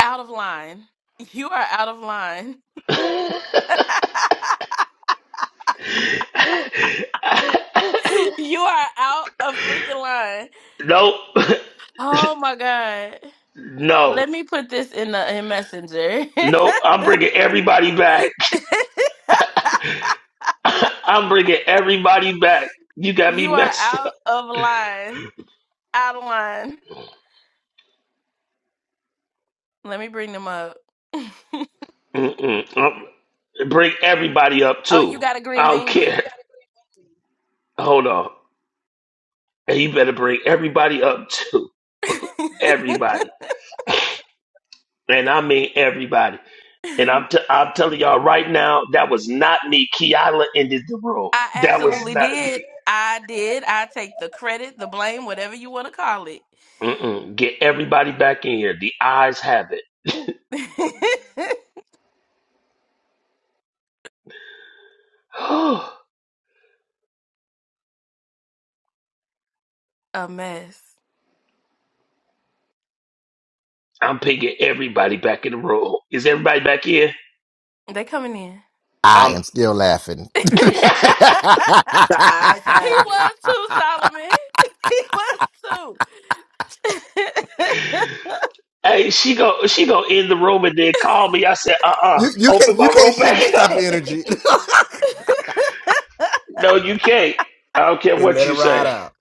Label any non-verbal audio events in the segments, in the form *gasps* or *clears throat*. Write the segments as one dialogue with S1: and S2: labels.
S1: out of line. You are out of line. *laughs*
S2: *laughs*
S1: You are out of freaking line.
S2: nope. *laughs*
S1: Oh my god.
S2: No.
S1: Let me put this in the in messenger. *laughs*
S2: Nope. I'm bringing everybody back. *laughs* I'm bringing everybody back. You got me
S1: you are
S2: messed
S1: out
S2: up.
S1: of line. Out of line. Let me bring them up. *laughs*
S2: Mm-mm. Um, Bring everybody up
S1: Oh, you
S2: too.
S1: got a green
S2: I don't
S1: bean me.
S2: care. Hold on. And you better bring everybody up too.
S1: *laughs*
S2: *laughs* Everybody. And I mean everybody. And I'm,
S1: I
S2: t- I'm telling y'all right now, that was not me. Kiala ended the room. That was
S1: absolutely
S2: not me.
S1: did. I did. I take the credit, the blame, whatever you want to call it.
S2: Mm-mm. Get everybody back in here. The eyes have it.
S1: *laughs* a mess.
S2: *gasps* I'm picking everybody back in the room. Is everybody back here?
S1: They coming
S3: I
S2: I'm.
S3: am still laughing. *laughs*
S1: in.
S2: *laughs*
S1: *laughs*
S4: The eyes
S1: He
S4: have it.
S1: was too, Solomon. *laughs* He was too. *laughs*
S2: hey, she go. She go in the room and then call me. I said, uh, uh
S3: you you can't
S2: Open
S3: you
S2: my
S3: can't
S2: room
S3: shift this
S2: back
S3: type of
S2: up. *laughs*
S3: energy
S4: *laughs*
S2: No, you can't. I don't
S3: *laughs*
S2: care
S3: and
S2: what
S3: let it
S2: you
S3: ride
S2: say.
S3: out.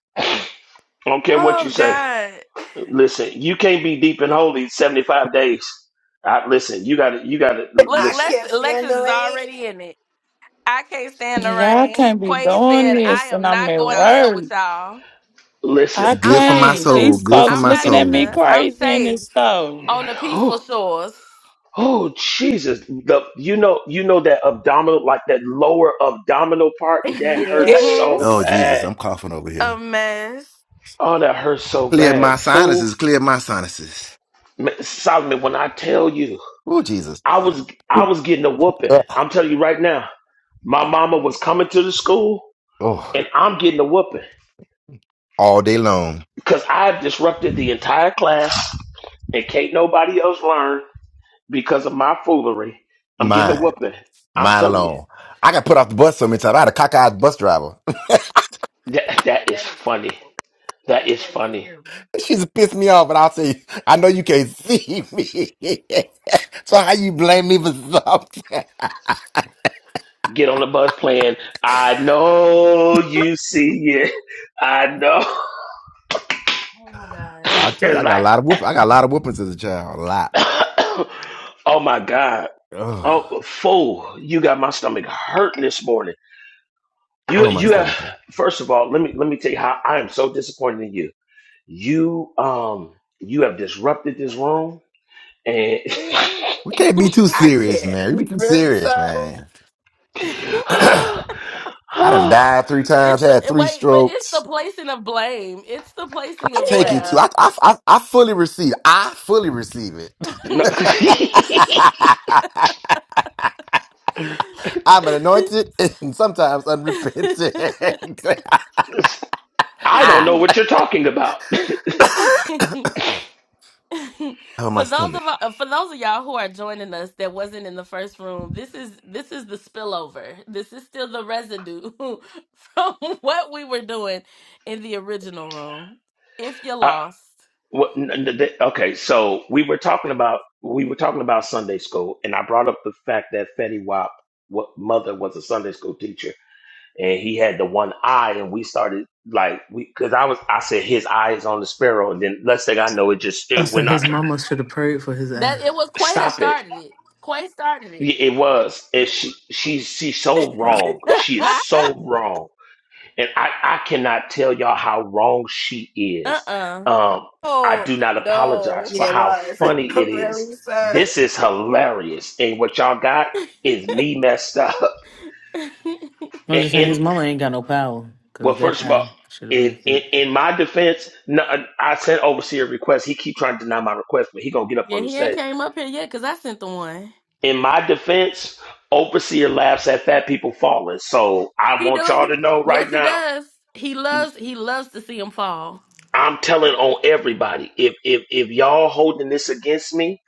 S2: I don't care what you
S1: oh
S2: say.
S1: God.
S2: Listen, you can't be deep and holy seventy five days. I, listen, you gotta. You gotta
S1: Look,
S4: I
S2: listen.
S1: Lex
S4: can't stand
S1: Lexus
S4: the
S1: is
S4: rain.
S1: already in it. I can't stand the
S5: Y'all
S1: rain.
S5: can't be
S1: Quay
S5: doing
S1: said, I
S5: this, and
S1: am
S5: I'm
S1: not
S5: at
S1: going to hell
S5: work.
S1: with y'all.
S2: Listen.
S3: It's
S5: I
S2: *sighs*
S3: good
S1: I'm
S3: for
S1: not
S3: my
S5: can't.
S1: either.
S3: soul.
S5: These
S3: Good for
S5: folks
S1: I'm
S3: my
S1: not
S5: looking at me
S1: either.
S3: soul.
S1: I'm
S5: crazy in this
S1: safe
S5: store.
S1: on the peaceful shores.
S2: Oh Jesus! The you know you know that abdominal like that lower abdominal part
S1: *laughs* A
S2: that
S4: Yeah,
S2: hurts so
S3: Oh
S5: Yes.
S3: Jesus,
S2: bad.
S3: I'm coughing over here.
S1: mess.
S2: Oh, that hurts so
S3: Clear my
S2: bad, fool.
S3: sinuses. Clear my sinuses.
S2: Man, Solomon, when I tell you,
S3: Oh Jesus.
S2: I was I was getting a whooping.
S3: Uh,
S2: I'm telling you right now, my mama
S1: Mm-mm.
S2: was coming to the school,
S3: Oh,
S2: and I'm getting a whooping
S3: all day long.
S2: because I disrupted the entire class, and can't nobody else learn because of my foolery. I'm getting a
S3: Mine,
S2: whooping. I'm
S3: mine
S2: telling you,
S3: alone. I got put off the bus so many times. I had a cockeyed bus driver.
S2: that that is
S1: That is
S2: funny.
S1: terrible.
S2: That is
S1: That is
S2: funny.
S1: terrible.
S3: She's pissed me off, but I'll tell you, I know you can't see me. *laughs* so how you blame me for something?
S2: get on the bus playing I know you see it. I know
S1: Oh my God.
S3: I
S2: *laughs*
S3: tell you,
S2: it's
S3: I got a
S2: like
S3: lot of whoop. I got a lot of whoopings as a child. A lot.
S2: *coughs* oh my God.
S3: Oh,
S2: Oh fool, you got my stomach hurting this morning. You
S3: Oh my
S2: you have
S3: stomach. man.
S2: first of all, let me let me tell you how I am so disappointed in you. You um you have disrupted this room and
S3: We can't be too
S4: I
S3: serious,
S4: can't.
S3: man. We be too
S4: Really,
S3: serious,
S4: sir?
S3: man. *clears throat* I
S2: *sighs* *laughs*
S3: done died three times,
S1: It's the
S3: had
S1: it-
S3: three
S1: wait, but it's the
S3: strokes.
S1: placing of blame. It's the placing
S3: I
S1: of
S3: take it
S1: blame.
S4: Yeah.
S3: too. I I I, I fully receive. I fully receive it.
S2: no,
S1: for
S3: *laughs*
S2: *laughs*
S3: I'm an anointed *laughs* and sometimes unrepentant. *laughs*
S2: I don't
S3: Ah.
S2: know what you're talking about.
S3: hurt my
S1: those of
S3: stomach.
S1: uh, for those of y'all who are joining us that wasn't in the first room, this is this is the spillover. This is still the residue *laughs* from what we were doing in the original room. If you
S2: *laughs*
S1: lost,
S2: What, n- n- th- okay, so we were talking about we were talking about Sunday school, and I brought up the fact that Fetty Wap, what mother was a Sunday school teacher, and he had the one eye, and we started like we because I was I said his eye is on the sparrow, and then next thing I know, it just
S6: I
S2: still
S6: said
S2: went
S6: his
S2: out.
S6: mama should have prayed for his ass.
S1: that it was
S2: *clears throat*
S1: Quay that
S2: Stop it!
S1: started it. Quay started it.
S2: Y- It was, and she she's she's so wrong. She is
S7: How?
S2: so wrong. And I, I cannot tell y'all how wrong she
S1: *laughs* uh
S2: is.
S1: uh
S2: Um, I do not apologize
S7: No.
S2: for
S4: Yeah, it
S2: how
S4: was. *laughs*
S2: funny it is.
S4: Really, sir?
S2: This is hilarious. And what y'all got is me messed up. *laughs*
S1: *laughs*
S6: I'm
S2: And,
S6: just saying
S2: and
S6: his mama ain't got no power because
S2: well,
S6: that
S2: first of
S6: eye
S2: all,
S6: should have
S2: in,
S6: been
S2: in,
S6: fixed.
S2: in my defense, no, I sent Overseer a request. He keep trying to deny my request, but he gonna get up
S1: yeah,
S2: on the
S1: he ain't
S2: stage.
S1: came up here yet because I sent the one.
S2: In my defense, Overseer laughs at fat people falling. So I
S1: He
S2: want y'all
S1: do.
S2: to know
S1: Yes,
S2: right
S1: he
S2: now.
S1: does. He loves he loves to see him fall.
S2: I'm telling on everybody. If if if y'all holding this against me,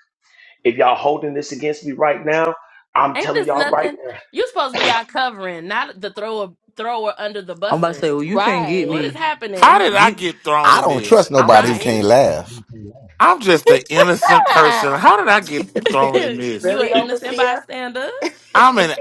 S2: if y'all holding this against me right now, I'm
S1: Ain't
S2: telling
S1: this
S2: y'all right
S1: nothing?
S2: now.
S1: You supposed to be our covering, not the thrower thrower under the
S6: I'm about to
S1: busser.
S6: say, well, you can't get
S1: What
S7: Right.
S1: is
S6: me.
S8: How
S1: happening?
S8: did I
S6: You,
S8: get thrown
S3: I
S8: in
S3: don't trust
S8: this? I'm
S3: nobody who
S8: just
S3: can't
S1: Right?
S3: laugh.
S8: I'm just an innocent person.
S5: Ah,
S8: How did I get
S1: *laughs*
S8: thrown in
S1: you
S8: this?
S1: an
S4: Really,
S1: innocent
S4: overseer?
S1: bystander.
S8: I'm an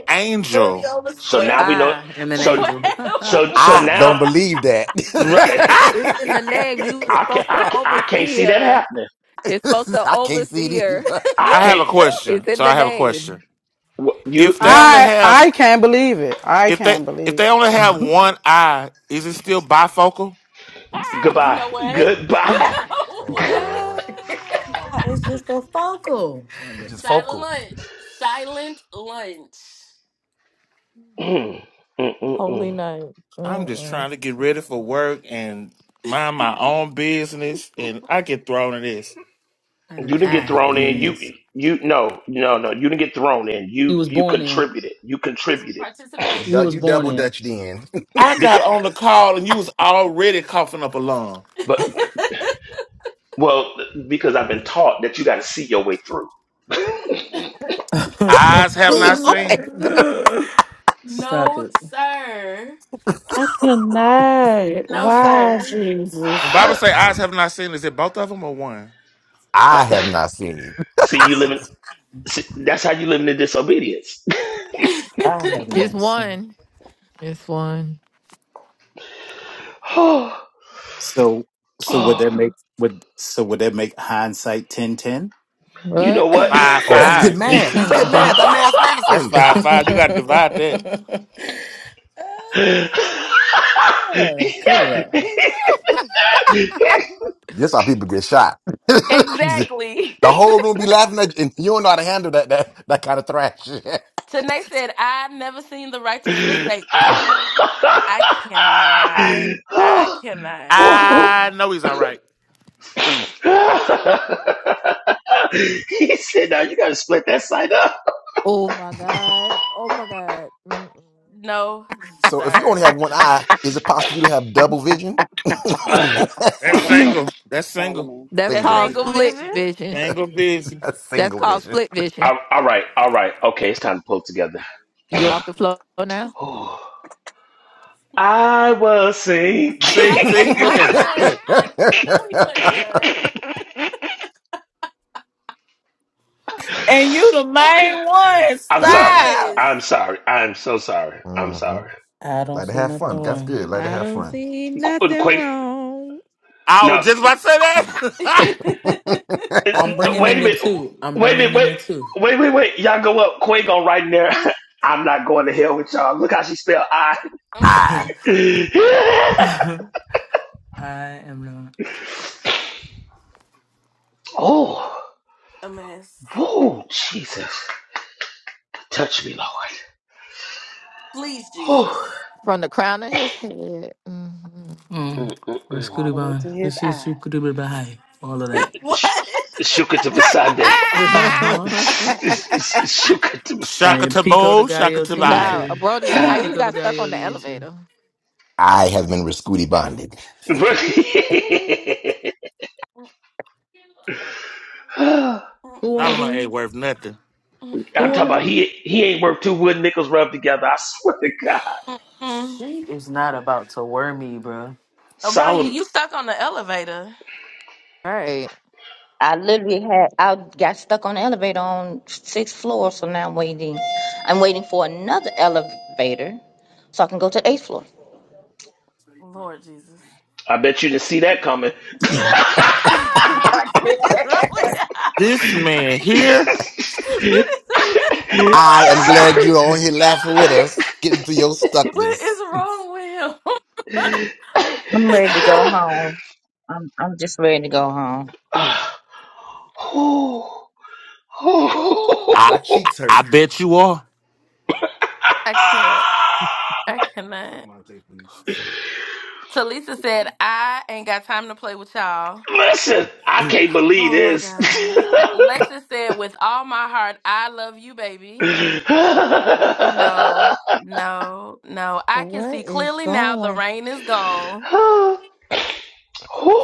S4: Really,
S8: angel.
S2: So
S4: overseer?
S2: now
S1: Wait.
S2: we know.
S6: I am an
S1: *laughs*
S2: So
S1: What?
S6: angel. *laughs* ah,
S2: so so
S1: what?
S3: I don't
S2: now
S3: believe that.
S4: *laughs* I
S2: right.
S8: Ah!
S7: It's in the name. You was
S2: I can
S3: *laughs*
S7: supposed
S2: I
S7: to
S2: can I can't
S7: oversee
S2: see that
S7: her.
S2: happening.
S7: It's supposed to
S3: I can't see it
S7: oversee her.
S3: either.
S2: I
S8: I have
S2: can't.
S8: a
S7: It's
S8: question.
S7: in
S8: So
S7: the
S8: I have a
S7: name.
S8: question.
S2: wh- You
S8: If they
S2: you
S8: only
S9: I
S8: have
S9: I can't believe it. I
S8: if they
S9: can't
S8: if
S9: believe. It.
S8: they only have one eye, is it still bifocal?
S7: Ah!
S1: You
S3: Oh
S2: goodbye
S1: know what?
S3: Lord.
S1: *laughs* You
S2: goodbye.
S1: know
S3: Oh
S2: *laughs*
S1: what?
S3: Lord.
S6: it's just a focal. my
S3: It's just
S6: goodness,
S1: Silent
S3: focal.
S1: lunch. Silent lunch.
S2: Mm, mm, mm,
S7: Holy
S2: mm.
S7: night.
S8: I'm just
S7: Mm-mm.
S8: trying to get ready for work and mind my own business and I get thrown in this.
S6: how
S2: you
S3: I'm
S6: did
S3: just
S2: didn't
S3: trying to
S2: get
S6: I
S3: make it
S2: thrown
S6: get
S3: even.
S6: in
S2: in. You
S6: this?
S2: you no no no. You didn't get thrown in. You
S6: You was
S2: you
S6: born in.
S2: contributed. You
S1: This was
S2: contributed
S3: You
S6: You
S3: dou-
S6: was
S3: you
S1: participation.
S6: born
S3: double
S6: in.
S3: dutched in. *laughs*
S8: I
S2: because.
S8: got on the call and you was already coughing up a lung.
S2: Well, because I've been taught that you got to see your way through.
S8: Eyes
S1: *laughs*
S8: have not
S1: no,
S3: Okay.
S8: seen.
S1: sir.
S6: *laughs* Stop
S1: No,
S6: it.
S1: sir.
S5: I cannot.
S1: No,
S5: Wow,
S1: sir.
S8: When
S5: Jesus.
S8: Bible say eyes
S3: Oh,
S8: have not seen, is it both of them or one?
S3: I have not seen it.
S2: *laughs* see you living. See, that's how you live in the disobedience. *sighs*
S6: I have
S7: It's
S6: not seen.
S7: one. It's one.
S2: oh,
S10: So so would
S2: oh,
S10: that make would so would that make hindsight ten ten?
S2: you
S7: What?
S2: know
S7: *coughs*
S2: what? *laughs*
S8: Five,
S3: Oh, that's good
S8: five.
S2: he
S3: math. That's good math.
S6: *laughs*
S3: That math
S8: That's
S3: mathing.
S8: five, five. You got to divide that.
S6: *laughs* Ah, Cut it out.
S3: This how people get shot. *laughs*
S1: *laughs*
S3: the
S1: exactly. *laughs*
S3: whole room be laughing at you, and you don't know how to handle that that, that kind of thrash.
S1: Tanae said, I've never seen the righteous forsaken. I
S3: *laughs* Ah.
S1: cannot. I cannot.
S8: I know he's all right.
S2: said, "Now you got to split that side up."
S7: oh my God. Oh my God. Mm-mm.
S1: No,
S3: So if you
S1: sir.
S3: only have one eye, is it possible for you to have double vision?
S2: *laughs* all
S3: *laughs*
S8: That's single.
S11: Solomon,
S8: That's single.
S11: Solomon,
S7: That's
S1: That
S3: single
S7: called
S1: single
S11: Solomon,
S3: vision.
S7: split
S1: vision.
S7: vision.
S8: Single busy.
S3: *laughs* A
S7: That's
S3: single
S7: called
S3: vision. *sighs*
S7: split vision.
S2: all right, all right, okay. It's time to pull together.
S7: You off
S3: Ah.
S7: the floor now?
S2: Oh, I was
S1: See,
S2: sinking.
S8: See,
S1: I knew
S8: see,
S1: he
S7: *laughs*
S8: look
S1: wasn't
S8: at it.
S7: I
S1: done.
S8: Look.
S1: I knew he wasn't
S3: *laughs*
S1: done.
S5: And you the
S2: *laughs* okay.
S5: main one.
S2: I'm
S8: Yeah.
S3: Ah.
S2: sorry.
S5: Stop.
S1: Yes.
S2: I'm sorry. I'm so sorry. I'm
S3: Mhm.
S2: sorry.
S6: I don't
S3: Like to
S6: see
S3: have
S6: nothing
S3: fun. That's
S6: wrong.
S3: good. Like to have
S7: don't
S3: fun.
S7: see
S2: Qu-
S7: nothing
S2: Quake.
S7: wrong.
S8: I
S2: No.
S8: was just about to say
S3: *laughs*
S1: *laughs*
S2: uh,
S6: I'm
S2: uh,
S6: bringing
S2: Wait
S6: in
S2: a
S6: the
S2: minute.
S6: two. I'm
S2: Wait a minute.
S6: bringing in
S2: Wait.
S6: the two.
S2: Wait, wait, wait. Y'all go up. Quake on right in there. *laughs* I'm not going to hell with y'all. Look how she spelled I.
S6: *laughs* I
S3: I
S1: Mm,
S2: *laughs*
S6: am not.
S2: oh.
S1: A mess.
S2: Whoa. Jesus. Touch me, Lord.
S1: Please,
S2: Oh.
S1: Jesus.
S7: From the crown of his head. hmm
S6: Mm. We're
S2: Mm-mm-mm.
S11: all
S6: Scooty
S11: the way
S6: Bond.
S11: to
S6: We're
S11: his eye.
S6: Scooty Bond. All of
S1: *laughs*
S6: that.
S1: What?
S2: Sh- Shuka to Basande.
S8: that.
S6: Uh
S5: Ah!
S6: huh.
S8: *laughs*
S2: shuka to Masada.
S8: shaka
S6: And
S8: tabo,
S6: Pico the
S8: shaka
S6: Gallo to
S8: tabai.
S6: you
S7: Now,
S6: too.
S7: Brodia, how
S6: And
S7: you
S6: Pico the
S7: got stuck
S6: Gallo
S7: on
S6: to
S7: the
S6: you too.
S7: elevator?
S3: I have been Rascuti bonded.
S2: Verse-
S1: Mm,
S6: Who on the
S8: Solomon ain't
S6: phone?
S8: worth nothing.
S1: mm,
S2: I'm
S6: Who
S2: talking
S1: mm,
S6: on the
S2: about
S6: phone?
S2: he he ain't worth two wood nickels rubbed together. I swear to God,
S1: mm, mm.
S6: She is not about to worry me, bro.
S1: Oh, bro, you
S2: Solomon.
S1: stuck on the elevator.
S7: All right.
S12: I literally had I got stuck on the elevator on sixth floor, so now I'm waiting. I'm waiting for another elevator so I can go to the eighth floor.
S1: Lord Jesus.
S2: I bet you didn't see that coming.
S7: *laughs* oh
S1: *laughs* what is wrong with
S4: can't.
S8: This
S1: *laughs* you?"
S8: man here,
S1: *laughs* What
S2: *laughs*
S1: is
S2: I'm
S1: that?
S7: my
S3: I am
S7: god!
S3: glad
S2: sorry.
S3: you're all here laughing with us, getting through your
S1: What is
S3: stuckness.
S1: wrong with him? *laughs*
S12: I'm ready to go
S2: *sighs*
S12: home. I'm I'm just ready to go home.
S2: Ah, oh,
S8: I
S3: My
S2: oh.
S3: cheeks
S8: I
S3: hurt.
S8: bet you are.
S1: I can't.
S2: Ah,
S1: I cannot. Talisa said, I ain't got time to play with y'all.
S2: Listen, I can't believe
S1: Oh my
S2: this.
S1: God. Lexus said, with all my heart, I love you, baby.
S2: *laughs*
S1: No, no, no. I can
S7: What
S1: see
S7: is
S1: clearly now the
S7: going?
S1: rain is gone.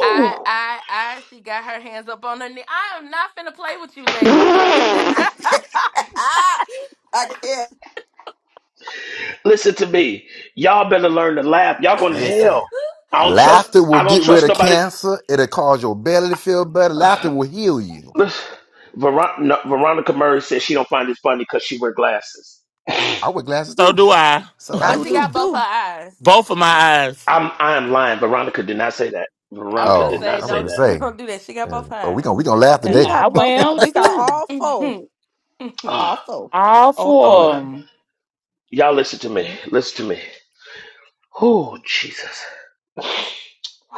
S1: I, I, I, she got her hands up on her knee. I am not finna play with you, Lexi.
S4: *laughs* I can't.
S2: Listen to me. Y'all better learn to laugh. Y'all going to
S3: Listen.
S2: hell. I don't trust.
S3: Laughter will
S2: I don't
S3: get
S2: trust
S3: rid of
S2: nobody.
S3: cancer. It'll cause your belly to feel better. Laughter will heal
S2: *sighs*
S3: you.
S2: Listen, Veron- no, Veronica Murray said she don't find it funny because she wear glasses.
S3: I wear glasses
S8: So
S3: too.
S8: do I.
S1: *laughs*
S3: So I
S7: I
S1: but
S3: do
S1: she
S7: do
S1: got
S3: too.
S1: both her
S7: too.
S1: eyes.
S8: Both of my eyes.
S2: I'm I am lying. Veronica did not say that.
S1: I was
S2: Veronica
S1: gonna
S2: did
S3: Oh,
S2: not
S1: say,
S3: I'm
S2: say
S3: gonna
S1: don't,
S2: that.
S1: *laughs*
S3: say.
S1: don't do that. She got
S3: uh,
S1: both her
S3: Oh, we gonna
S1: eyes.
S3: we gonna laugh
S5: And
S7: We
S3: today.
S5: I
S7: got both.
S5: went on
S7: We got
S5: too.
S7: all
S1: *laughs*
S7: four.
S1: uh-uh,
S2: Oh,
S7: All four.
S5: All
S7: All
S2: oh
S7: four of
S2: my.
S5: four of
S7: them.
S5: them. *laughs*
S2: Y'all listen to me. Listen to me. Oh Jesus.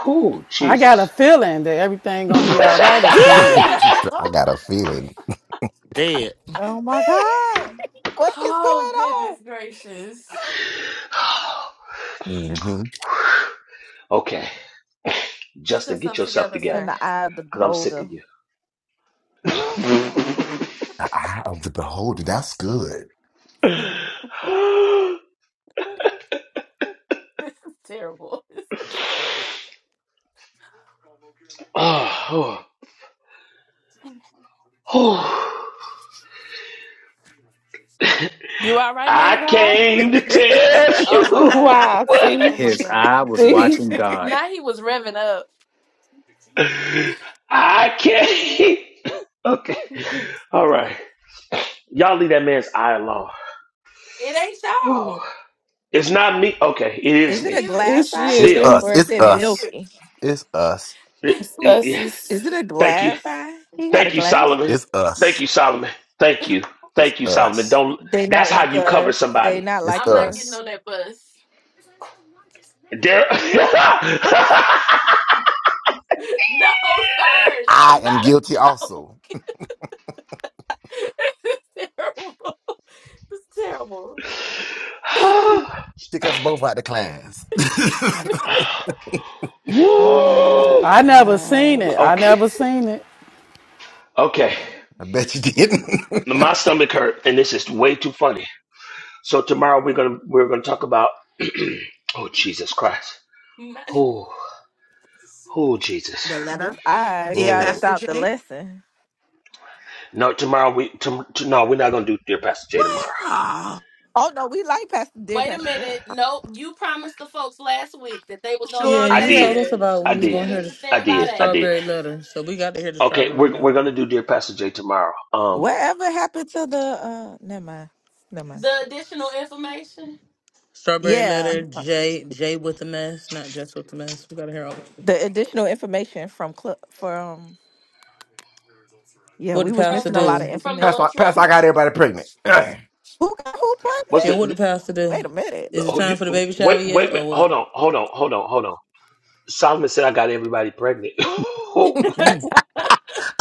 S2: Oh
S9: I got a
S2: Jesus.
S9: feeling that everything gonna
S2: *laughs*
S9: be all right
S3: *laughs*
S9: up in
S1: Sean. *laughs*
S9: here.
S8: Dead.
S1: No.
S3: I got a feeling.
S8: Dead.
S7: Oh my God. What is going
S1: Oh,
S7: on?
S1: goodness gracious.
S3: hmm
S2: okay,
S1: Get
S2: Justin, get
S1: yourself
S2: yourself
S1: together,
S7: It's in
S2: together
S1: sir.
S7: the eye of the
S2: because I'm sick
S7: beholder.
S2: of you.
S3: The eye of the beholder. That's good.
S1: *laughs* this is terrible. *laughs* This is terrible.
S2: *sighs* oh, Oh,
S1: You all right, man
S2: I
S1: of God?
S2: came to tell you
S1: Oh,
S2: *laughs*
S1: my God.
S5: Wow,
S2: what
S5: see?
S1: Oh, my
S10: His eye
S1: God.
S10: was
S5: See?
S10: watching God.
S1: Now he was revving up.
S2: I came. *laughs* Okay.
S1: *laughs*
S2: All right. Y'all leave that man's eye alone.
S1: It ain't
S2: Whew.
S1: y'all.
S2: It's not me. Okay, it is
S7: Is
S1: It's
S7: it a
S2: me.
S1: you.
S7: glass
S5: It's
S7: eye
S3: It's
S2: Still.
S3: us.
S7: or
S5: you.
S7: is
S3: It's
S7: it
S1: It's
S3: us.
S7: milky?
S3: It's us.
S2: It-
S1: you.
S5: It's
S2: it- yes.
S7: Is
S5: us.
S7: it a
S2: Thank you.
S7: glass eye? He got a
S2: Thank you,
S7: glass.
S2: Solomon.
S3: It's
S2: Thank
S3: us.
S2: you, Solomon. Thank
S1: *laughs*
S2: you.
S3: It's
S2: Thank you, Solomon.
S3: us.
S2: Don't
S7: They
S2: that's
S7: not
S2: how
S7: like
S2: you cover
S7: us. They
S2: somebody.
S7: not
S3: It's
S7: like
S1: I'm not getting
S7: us.
S3: us.
S1: on that bus.
S2: There
S1: *laughs* No, sir. That
S3: I
S1: was
S3: am
S1: not a
S3: guilty
S1: joke.
S3: also.
S1: *laughs* this is terrible. *laughs* It's terrible.
S2: *laughs*
S3: Pick us both out the class.
S1: *laughs*
S3: *laughs*
S5: I
S2: Woo.
S9: I never seen
S5: cannot.
S9: it. I
S2: Okay.
S9: never seen it.
S2: Okay.
S3: I bet you didn't.
S2: My
S3: *laughs*
S2: stomach hurt, and this is way too funny. So tomorrow we're gonna we're gonna talk about. *clears throat* oh Jesus Christ!
S1: Not-
S2: Oh, oh
S4: *laughs*
S2: Jesus!
S4: the
S7: This
S4: letter?
S7: I
S4: Dear
S7: got
S2: Mm.
S7: us
S4: Pastor
S7: out the
S4: J?
S7: lesson.
S2: No, tomorrow we tom t- no we're not gonna do Dear Pastor Jay
S4: What?
S2: tomorrow.
S4: Oh,
S7: Oh no, we like Pastor Dear
S1: Wait a
S7: Pastor J.
S1: minute. Nope. You promised the folks last week that they was gonna
S6: Yeah,
S1: get
S4: sure
S2: I
S6: you
S1: that
S6: told
S2: did,
S4: did.
S6: us
S1: letter.
S6: about we
S2: I
S6: was
S1: You
S2: did,
S6: gonna hear
S1: need
S6: the,
S1: to
S2: I
S1: stand
S6: the
S1: by
S2: did, I
S1: that.
S2: did.
S6: strawberry letter, so we got to hear the
S2: Okay,
S6: strawberry
S2: we're we're
S6: letter.
S2: gonna do Dear Pastor Jay tomorrow. Um,
S7: Whatever happened to the uh never mind. Never mind.
S1: The additional information
S6: Strawberry
S7: Yeah.
S6: letter, J J with the mess, not just with the mess. We gotta hear all. Of it.
S7: The additional information from Cl- from yeah,
S6: What
S7: we
S6: the
S7: was
S6: pastor
S1: from
S7: missing a
S1: lunch
S7: lot of
S6: do?
S1: from the
S7: information.
S3: Pastor, Pastor, I
S1: lunchroom.
S3: got everybody pregnant. *clears throat* I
S7: Who got who
S2: what's
S7: pregnant?
S6: Yeah, what the
S2: the,
S6: pastor do?
S7: Wait a minute.
S2: the
S6: Is it
S2: oh,
S6: time
S2: you,
S6: for the baby shower
S2: wait wait
S6: yet,
S2: a
S6: or
S2: minute?
S6: what?
S2: Hold on, hold on, hold on, hold on. Solomon said I got everybody pregnant. *laughs*
S1: *laughs*
S6: Mm,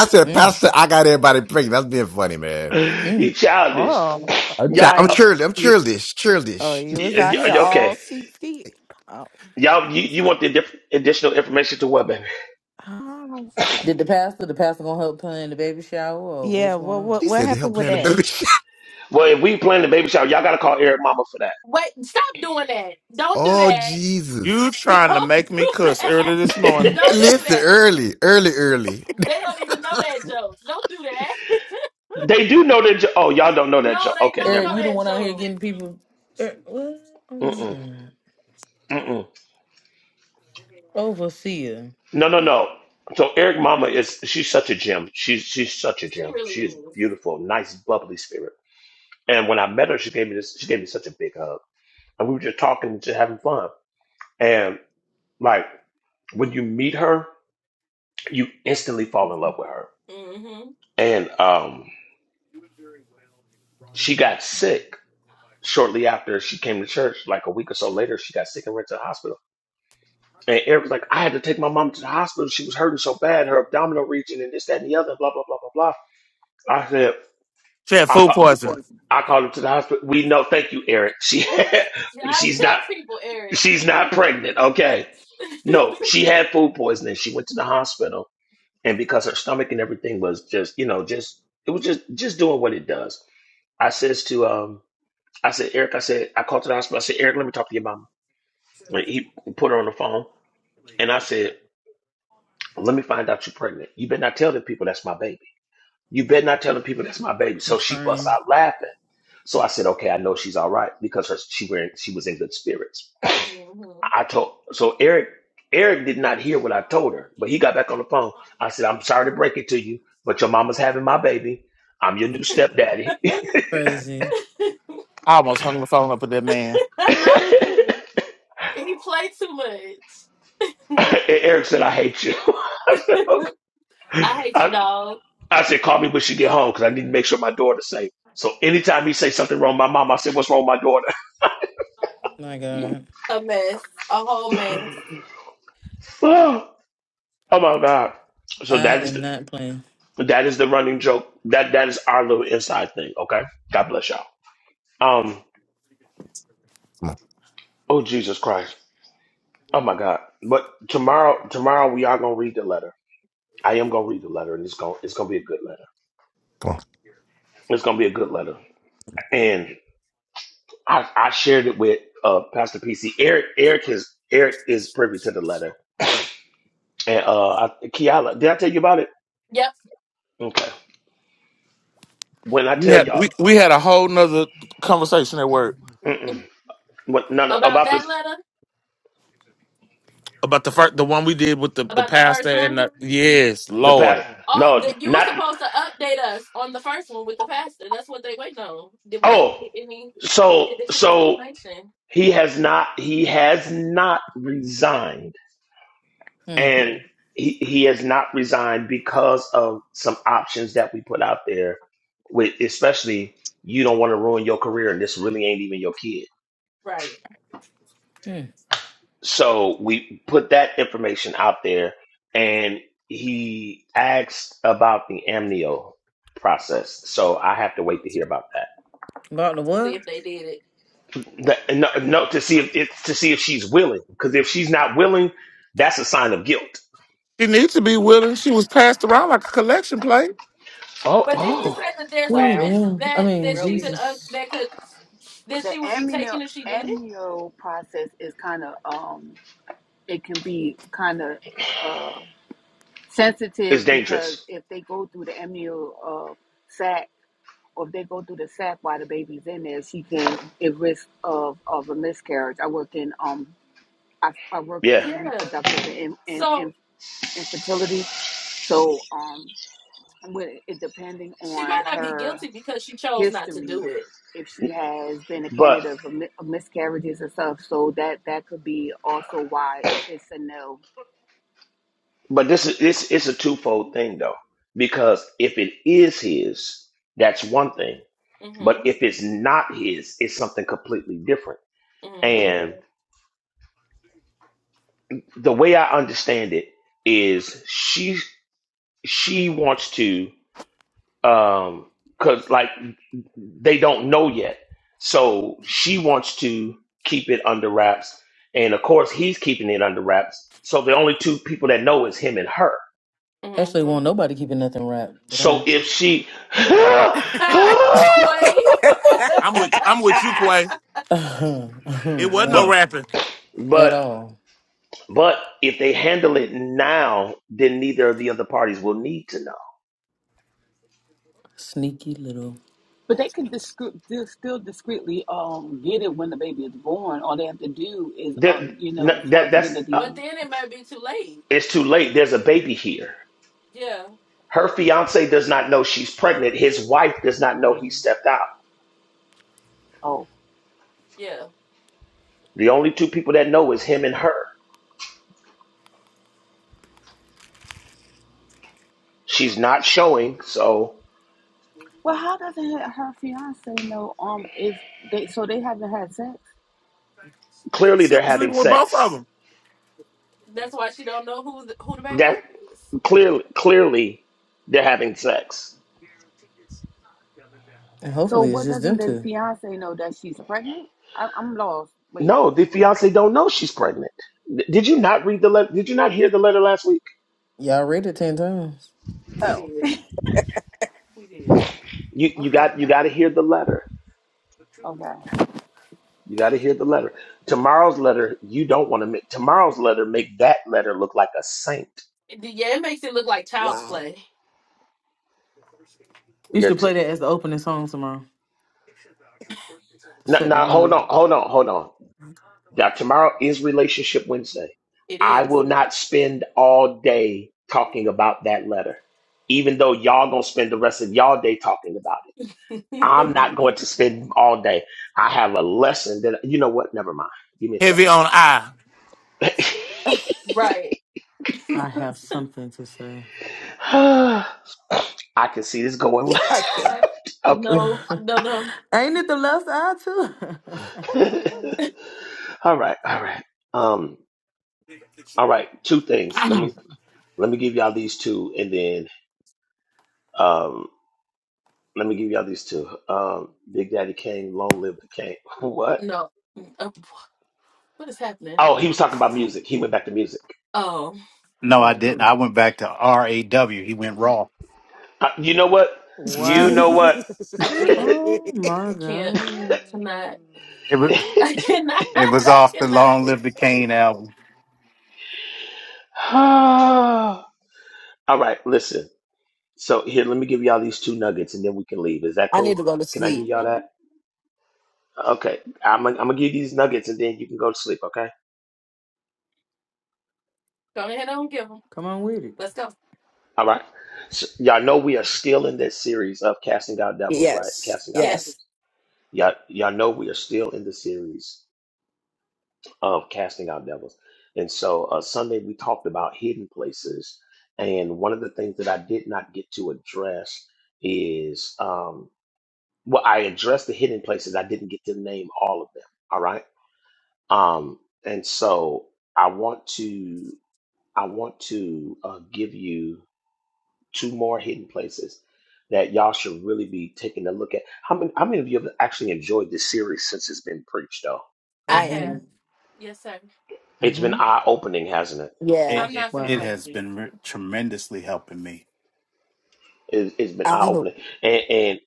S3: said,
S6: mm,
S3: Pastor, I got everybody pregnant. That's being funny, man.
S2: you
S6: mm.
S2: childish.
S7: Oh
S2: *clears throat*
S3: I'm,
S2: Yeah.
S3: chi- I'm
S2: uh,
S7: like
S3: churlish. I'm
S7: you,
S3: churlish.
S7: oh
S3: Churlish. *laughs*
S7: you was out
S2: y-
S7: here
S2: y- okay.
S7: all skeet skeet. Oh,
S2: Y'all, you, you want the diff- additional information to what, baby?
S7: oh.
S6: Did the pastor? The pastor gonna help plan the baby shower, or
S7: yeah,
S6: what's going
S7: well
S6: on?
S7: what
S3: She
S7: what
S3: said to
S7: happened
S3: help
S7: with
S3: plan the
S7: that?
S3: baby. *laughs*
S2: Well, if we plan the baby shower, y'all gotta call Eric Mama for
S1: Wait, stop doing that. Don't do
S3: oh,
S1: that.
S8: You
S3: Jesus.
S1: *laughs*
S8: trying to
S1: Don't
S8: make me
S1: do
S8: cuss
S1: that.
S8: early this morning.
S1: Don't do
S2: that.
S3: Listen,
S1: that.
S3: early, early, early.
S1: They don't even know that joke. Don't do that.
S2: *laughs* they do know that. Jo- oh, y'all don't
S1: *laughs*
S2: know that.
S1: no,
S2: Jo-
S1: they
S2: okay,
S1: don't
S2: never
S6: Eric,
S1: know
S6: you the
S1: that
S6: one out here
S1: joke.
S6: getting people. Eric, what? Oh
S2: mind.
S6: my
S2: Mm-mm,
S6: god,
S2: mm-mm.
S6: overseer.
S2: No, no, no. So Eric Mama is she's such a gem. She's she's such a
S1: She
S2: gem.
S1: really
S2: She is
S1: is.
S2: beautiful, nice, bubbly spirit. And when I met her, she gave me this. She gave me such a big hug, and we were just talking and just having fun. And like when you meet her, you instantly fall in love with her.
S1: hmm
S2: And um, she got sick shortly after she came to church, like a week or so later, she got sick and went to the hospital. And Eric was like, I had to take my mom to the hospital. She was hurting so bad, her abdominal region and this, that, and the other, blah, blah, blah, blah, blah. I said,
S8: She had
S2: I,
S8: food poisoning.
S2: I called her to the hospital. We know, thank you, Eric. She
S1: Yeah,
S2: *laughs*
S1: I
S2: she's not
S1: tell people, Eric.
S2: she's not pregnant. Okay. No, she had food poisoning. She went to the hospital and because her stomach and everything was just, you know, just it was just just doing what it does. I says to um I said, Eric, I said, I called to the hospital. I said, Eric, let me talk to your mom. And he put her on the phone, and I said, "Let me find out you're pregnant. You better not tell the people that's my baby. You better not tell the people that's my baby."
S6: I'm
S2: So she busts
S6: crying,
S2: out laughing. So I said, "Okay, I know she's all right because her, she wearing she was in good spirits."
S1: *laughs* hmm
S2: I told so Eric. Eric did not hear what I told her, but he got back on the phone. I said, "I'm sorry to break it to you, but your mama's having my baby. I'm your new stepdaddy."
S6: crazy.
S8: I almost hung the phone up with that man.
S1: *laughs*
S2: *laughs*
S1: I mean, he played too much.
S2: And Eric said, "I hate you." *laughs* I said, okay.
S1: *laughs* I hate you,
S2: I,
S1: dog.
S2: I said, call me when she get home because I need to make sure my daughter's safe. So anytime he say something wrong, with my mom, I said, what's wrong, with my daughter?
S6: My god,
S1: A mess, a whole mess.
S2: *laughs* oh oh my god! So
S6: I
S2: that is
S6: am not playing.
S2: the, that is the running joke. That that is our little inside thing. Okay, God bless y'all. Um.
S3: Come on,
S2: Oh Jesus Christ! Oh my God! But tomorrow, tomorrow we are gonna read the letter. I am gonna read the letter, and it's gonna it's gonna be a good letter.
S3: come on.
S2: It's gonna be a good letter. And I I shared it with uh Pastor PC. Eric Eric is Eric is privy to the letter. And uh, I, Kiala, did I tell you about it?
S1: Yep.
S2: Okay. When I
S8: We
S2: tell
S8: had
S2: y'all,
S8: we, we had a whole nother conversation at work
S2: mm-mm, what, no, no,
S1: About
S2: about this,
S1: that letter,
S8: about the first the one we did with the, the
S1: about the
S8: pastor
S1: first
S8: and
S1: one.
S8: the yes,
S2: the past,
S8: Lord.
S1: Oh,
S2: no,
S1: that you were
S2: not,
S1: supposed to update us on the first one with the pastor. That's what they wait on. Did we ever
S2: oh,
S1: get any
S2: so,
S1: additional
S2: so
S1: information?
S2: he has not, he has not resigned
S6: Mm,
S2: and he, he has not resigned because of some options that we put out there with, especially you don't want to ruin your career and this really ain't even your kid.
S1: Right.
S6: mm.
S2: So we put that information out there, and he asked about the amnio process. So I have to wait to hear about
S6: About the
S1: To see if
S6: what?
S1: they did it.
S2: that. The, no, no, to see if it's to see if she's willing. Because if she's not willing, that's a sign of guilt.
S8: She needs to be willing. She was passed around like a collection plate.
S2: Oh,
S1: But didn't you
S2: oh,
S1: say that there's a
S6: Oh,
S13: Wow.
S1: risk
S6: damn. I
S1: that
S6: mean,
S1: that she could
S13: Really?
S1: uh,
S6: Jesus.
S1: that could that
S13: The
S1: she would be
S13: amnio
S1: taking if she did it?
S13: amnio process is kind of um it can be kind of uh
S2: it's
S13: sensitive because
S2: dangerous.
S13: if they go through the amnio uh sac or if they go through the sac while the baby's in there, she can it risk of of a miscarriage. I work in um I, I work
S2: Yeah,
S13: in
S1: Yeah.
S13: reproductive and and,
S1: So
S13: and infertility, so um with it depending
S1: she
S13: on
S1: might not be
S13: her.
S1: guilty because she chose not to
S13: history
S1: do it.
S13: if she has been a
S2: but
S13: candidate for of miscarriages and stuff. So that that could be also why if it's a no.
S2: but this is it's it's a twofold thing though, because if it is his, that's one thing. But
S1: Mhm.
S2: if it's not his, it's something completely different.
S1: Mhm.
S2: and. the way I understand it is she she wants to um cuz like they don't know yet. So she wants to keep it under wraps and of course he's keeping it under wraps. So the only two people that know is him and her.
S6: Actually, won't
S1: Mhm.
S6: nobody keeping nothing wrapped, but all
S2: So if she *laughs*
S1: Ha!
S4: *laughs*
S1: Quay.
S8: I'm with I'm with you, Quay.
S6: right. *laughs*
S8: It wasn't
S6: Won't
S8: no
S2: but
S6: it
S8: rapping.
S6: at
S2: but
S6: all.
S2: but if they handle it now, then neither of the other parties will need to know.
S6: Sneaky little
S13: But they can
S6: bastards.
S13: discre- still discreetly um get it when the baby is born. All they have to do is, uh,
S2: That
S13: you know, as far
S2: that
S13: as
S2: that's
S13: getting the
S2: uh,
S1: But
S13: DNA.
S1: then it might be too late.
S2: it's too late. There's a baby here.
S1: Yeah.
S2: Her fiance does not know she's pregnant. His wife does not know he stepped out.
S13: Oh,
S1: Yeah.
S2: The only two people that know is him and her. She's not showing, so
S13: well, how does her, her fiance know? Um, if they so they haven't had sex.
S2: clearly
S8: She
S2: they're
S8: was
S2: having
S8: sleeping with both of
S2: sex.
S8: them.
S1: That's why she don't know who the, who the baby
S2: That
S1: dad is.
S2: clearly, clearly they're having sex.
S6: And
S13: So
S6: hopefully it's
S13: what
S6: just
S13: doesn't
S6: them
S13: the
S6: two.
S13: fiance know that she's pregnant? I, I'm lost. Wait.
S2: No, the fiance don't know she's pregnant. Did you not read the letter? Did you not hear the letter last week?
S6: Y'all read it 10 times.
S1: We
S13: Oh,
S1: did. We did.
S2: You you
S13: Okay.
S2: got
S13: *laughs*
S2: you got to hear the letter.
S13: Okay.
S2: You got to hear the letter. Tomorrow's letter, you don't want to make tomorrow's letter make that letter look like a saint.
S1: It- Yeah, it makes it look like child's
S4: Wow.
S1: play.
S6: You should
S2: Get to
S6: play that as the opening song tomorrow to
S2: now,
S6: set the
S2: now. Hold
S6: mood.
S2: on, hold on, hold on. Now, tomorrow is Relationship Wednesday.
S1: It
S2: I
S1: is.
S2: will not spend all day talking about that letter, even though y'all gonna spend the rest of y'all day talking about it. I'm not
S1: *laughs*
S2: going to spend all day. I have a lesson that you know what? Never mind. Give me a
S8: Heavy
S2: second.
S8: on I.
S1: Right.
S6: I
S1: *laughs*
S6: have something to say.
S2: *sighs* I can see this going
S4: *laughs* I
S2: *laughs*
S4: can't.
S2: left.
S6: *laughs*
S1: No, no, no,
S6: Ain't it the left eye, too?
S2: Okay. *laughs* all right. All right. Um. All right. Two things. Let me let me give y'all these two, and then um. Let me give y'all these two. Um, Big Daddy Kane, Long Live the King. *laughs* What?
S1: no. Uh, what is happening?
S2: Oh, he was talking about music. He went back to music.
S1: Oh,
S6: *laughs*
S10: No, I
S6: oh,
S10: didn't. I went back to R A W. He went raw.
S2: Uh, you know what? You
S6: wow.
S2: know what? *laughs*
S1: I can't.
S6: Oh, my
S1: I
S4: *laughs*
S1: can't.
S6: God.
S1: Cannot.
S10: It was
S1: I cannot. *laughs*
S10: it was
S1: I
S10: off the
S1: cannot.
S10: Long Live the Cane album.
S2: All right, listen. So here, let me give y'all these two nuggets, and then we can leave. Is that
S4: I need
S2: cool?
S4: to go to
S2: Can I give
S4: sleep.
S2: y'all
S1: Mm-hmm.
S2: that? Okay, I'm gonna, I'm gonna give you these nuggets, and then you can go to sleep. Okay.
S1: Go ahead and give them.
S6: Come on with it.
S1: Let's go.
S2: All right. So, y'all know we are still in this series of casting out devils, right?
S4: Yes.
S2: Casting out
S1: Yeah,
S2: devils.
S4: Yes.
S2: Y'all, y'all know we are still in the series. of casting out devils. And so uh, Sunday we talked about hidden places, and one of the things that I did not get to address is um, well, I addressed the hidden places. I didn't get to name all of them. All right, um, and so I want to I want to uh, give you two more hidden places that y'all should really be taking a look at. How many how many of you have actually enjoyed this series since it's been preached? Though
S1: I
S4: I
S6: Mm-hmm.
S1: have.
S4: am.
S1: Yes, sir.
S2: it's been
S6: Mm-hmm.
S2: eye opening, hasn't it?
S10: It
S4: Yeah.
S1: I'm
S10: it,
S1: not gonna
S10: it
S6: Wow.
S1: play with
S10: has
S1: you.
S10: been re- tremendously helping me.
S2: It, it's been eye
S4: Oh,
S2: opening, and, and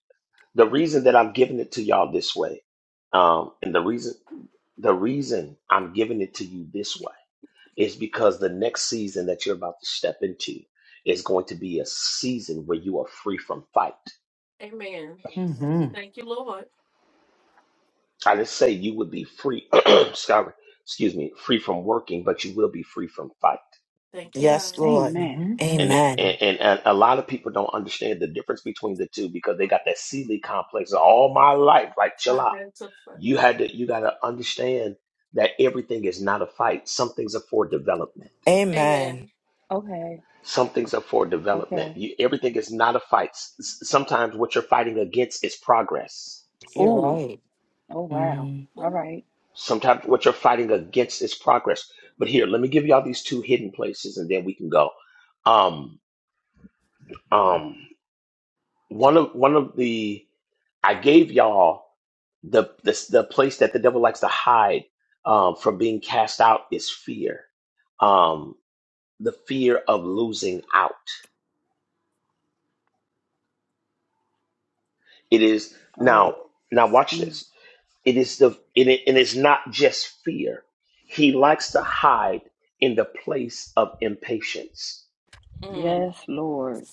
S2: the reason that I'm giving it to y'all this way, um, and the reason the reason I'm giving it to you this way is because the next season that you're about to step into is going to be a season where you are free from fight.
S1: Amen.
S6: Mm-hmm.
S1: Thank you, Lord.
S2: I just say you would be free, *clears throat* sorry, excuse me, free from working, but you will be free from fight.
S1: Thank you, God.
S4: yes, Lord.
S13: Amen.
S6: Mm-hmm.
S2: And, and
S4: Amen.
S2: and and a lot of people don't understand the difference between the two because they got that Sealy complex all my life. Like,
S1: I
S2: chill out.
S1: had to.
S2: You had to you gotta understand that everything is not a fight. Some things are for development.
S1: Amen.
S4: Amen.
S13: Okay.
S2: Some things are for
S13: Okay.
S2: development. You, everything is not a fight. S- s- Sometimes what you're fighting against is progress.
S4: You're
S1: Ooh,
S13: Oh.
S4: right.
S13: Oh wow.
S6: Mm-hmm.
S13: All
S1: ooh.
S13: right.
S2: Sometimes what you're fighting against is progress. But here, let me give y'all these two hidden places, and then we can go. Um, um, one of one of the I gave y'all the the, the place that the devil likes to hide um, from being cast out is fear.
S1: Mm-hmm.
S2: Um, the fear of losing out. It is now
S13: Oh.
S2: now watch
S13: Mm.
S2: this. It is the and it, and it's not just fear. He likes to hide in the place of impatience.
S1: Mm.
S13: Yes, Lord.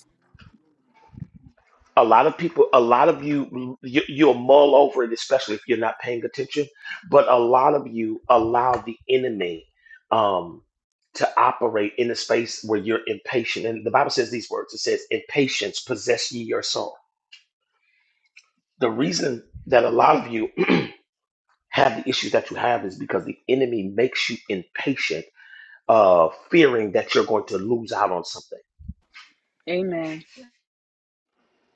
S2: A lot of people, a lot of you, you, you'll mull over it, especially if you're not paying attention. But a lot of you allow the enemy um, to operate in a space where you're impatient. And the Bible says these words. It says, "Impatience possess ye your soul." the reason that a lot of you have the issues that you have is because the enemy makes you impatient, uh, fearing that you're going to lose out on something.
S13: Amen.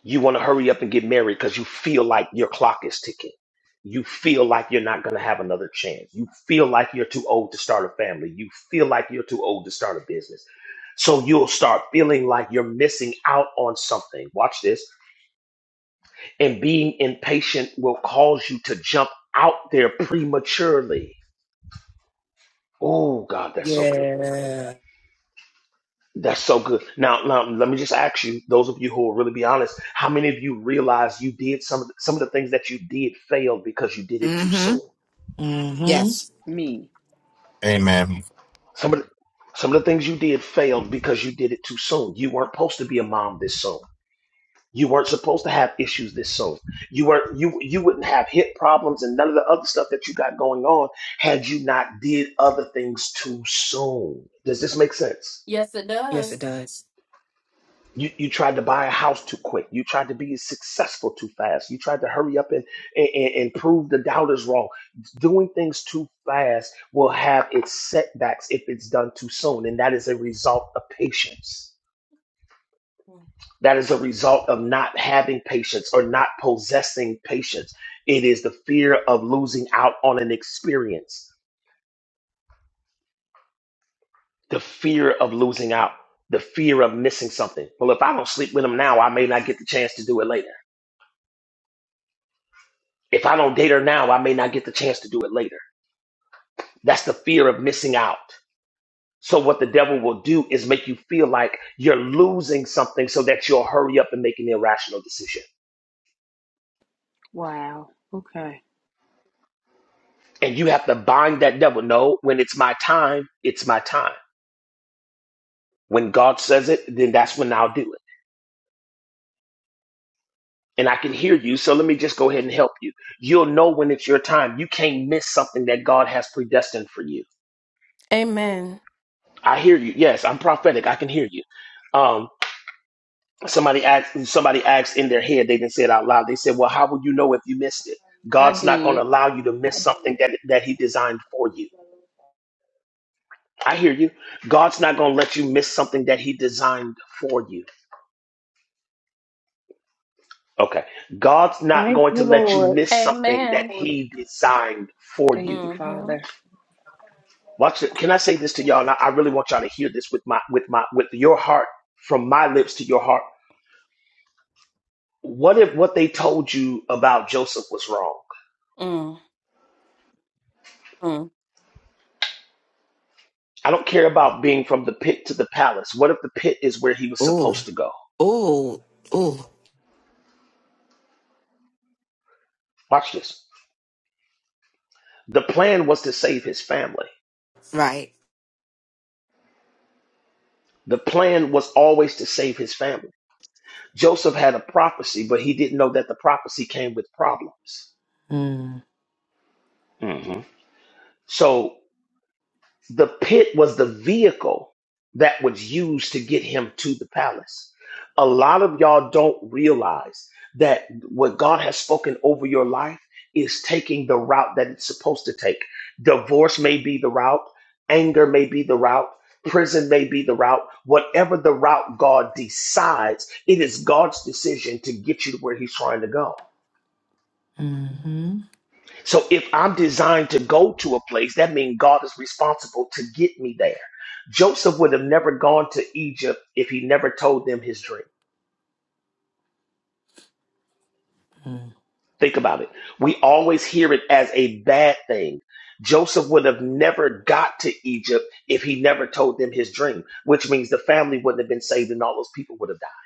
S2: You want to hurry up and get married because you feel like your clock is ticking. You feel like you're not going to have another chance. You feel like you're too old to start a family. You feel like you're too old to start a business. So you'll start feeling like you're missing out on something. Watch this. And being impatient will cause you to jump out there prematurely. Oh, God, that's so good.
S4: Yeah.
S2: That's so good. Now, now, let me just ask you, those of you who will really be honest, how many of you realize you did some of the, some of the things that you did failed because you did it too
S4: Mm-hmm.
S2: soon?
S6: Mm-hmm.
S4: Yes.
S13: Me.
S3: Amen.
S2: Some of the, some of the things you did failed because you did it too soon. You weren't supposed to be a mom this soon. You weren't supposed to have issues this soon. You weren't you you wouldn't have hip problems and none of the other stuff that you got going on had you not did other things too soon. Does this make sense?
S1: Yes, it
S4: Yes, it
S1: does.
S4: does.
S2: You, you tried to buy a house too quick. You tried to be successful too fast. You tried to hurry up and, and, and prove the doubters wrong. Doing things too fast will have its setbacks if it's done too soon. And that is a result of patience. That is a result of not having patience or not possessing patience. It is the fear of losing out on an experience, the fear of losing out, the fear of missing something. Well, if I don't sleep with them now, I may not get the chance to do it later If I don't date her now, I may not get the chance to do it later. That's the fear of missing out. So what the devil will do is make you feel like you're losing something so that you'll hurry up and make an irrational decision.
S13: Wow. Okay.
S2: And you have to bind that devil. No, when it's my time, it's my time. When God says it, then that's when I'll do it. And I can hear you. So let me just go ahead and help you. You'll know when it's your time. You can't miss something that God has predestined for you.
S1: Amen.
S2: I hear you. Yes, I'm prophetic. I can hear you. Um, somebody asked somebody asked in their head they didn't say it out loud they said well how would you know if you missed it
S13: I
S2: god's not going to
S13: did.
S2: allow you to miss something that that he designed for you i hear you god's not going to let you miss something that he designed for you okay god's not
S5: Thank
S2: going to
S5: you,
S2: let you
S5: Lord.
S2: miss something that
S1: Amen.
S2: he designed for
S13: Thank
S2: you
S13: you, Father.
S1: Mm-hmm.
S2: watch it can i say this to y'all and i, I really want y'all to hear this with my with my with your heart from my lips to your heart what if what they told you about joseph was wrong
S1: Mm. Mm.
S2: I don't care about being from the pit to the palace. What if the pit is where he was
S4: Ooh.
S2: supposed to go?
S4: Ooh. Ooh.
S2: Watch this. The plan was to save his family.
S4: Right.
S2: The plan was always to save his family. Joseph had a prophecy, but he didn't know that the prophecy came with problems. Mhm. The pit was the vehicle that was used to get him to the palace. A lot of y'all don't realize that what God has spoken over your life is taking the route that it's supposed to take. Divorce may be the route, anger may be the route, prison may be the route. Whatever the route God decides, it is God's decision to get you to where He's trying to go.
S6: Mm-hmm.
S2: So if I'm designed to go to a place, that means God is responsible to get me there. Joseph would have never gone to Egypt if he never told them his dream. Think about it. We always hear it as a bad thing. Joseph would have never got to Egypt if he never told them his dream, which means the family wouldn't have been saved and all those people would have died.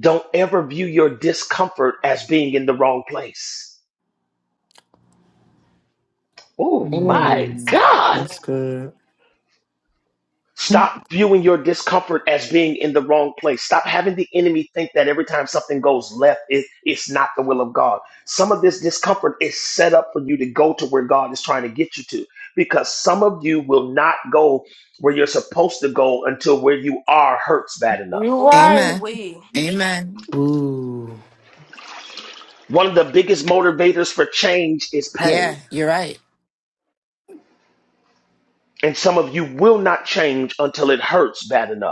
S2: Don't ever view your discomfort as being in the wrong place. Oh my
S4: Ooh.
S6: Mm-hmm.
S2: God.
S6: That's good. *laughs* Hmm.
S2: Stop viewing your discomfort as being in the wrong place. Stop having the enemy think that every time something goes left, it, it's not the will of God. Some of this discomfort is set up for you to go to where God is trying to get you to because some of you will not go where you're supposed to go until where you are hurts bad enough.
S5: You right.
S1: Ooh,
S4: Amen.
S1: we
S4: Amen.
S6: Ooh.
S2: One of the biggest motivators for change is pain.
S4: Yeah, you're right.
S2: And some of you will not change until it hurts bad enough.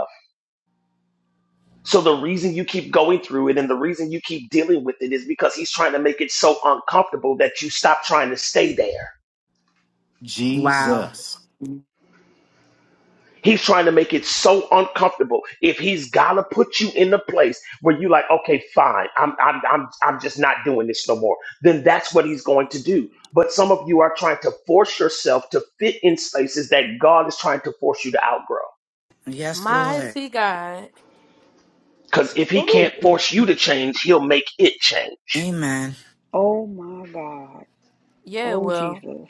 S2: So the reason you keep going through it and the reason you keep dealing with it is because he's trying to make it so uncomfortable that you stop trying to stay there.
S4: Wow.
S10: Jesus,
S2: He's trying to make it so uncomfortable. If he's gotta put you in a place where you like, okay, fine, I'm, I'm, I'm, I'm just not doing this no more, then that's what he's going to do. But some of you are trying to force yourself to fit in spaces that God is trying to force you to outgrow.
S4: Yes, Lord.
S1: mighty God.
S2: Because if he
S5: Ooh,
S2: can't force you to change, he'll make it change.
S4: Amen.
S13: Oh my God.
S1: Yeah,
S13: Oh
S1: well,
S13: Jesus.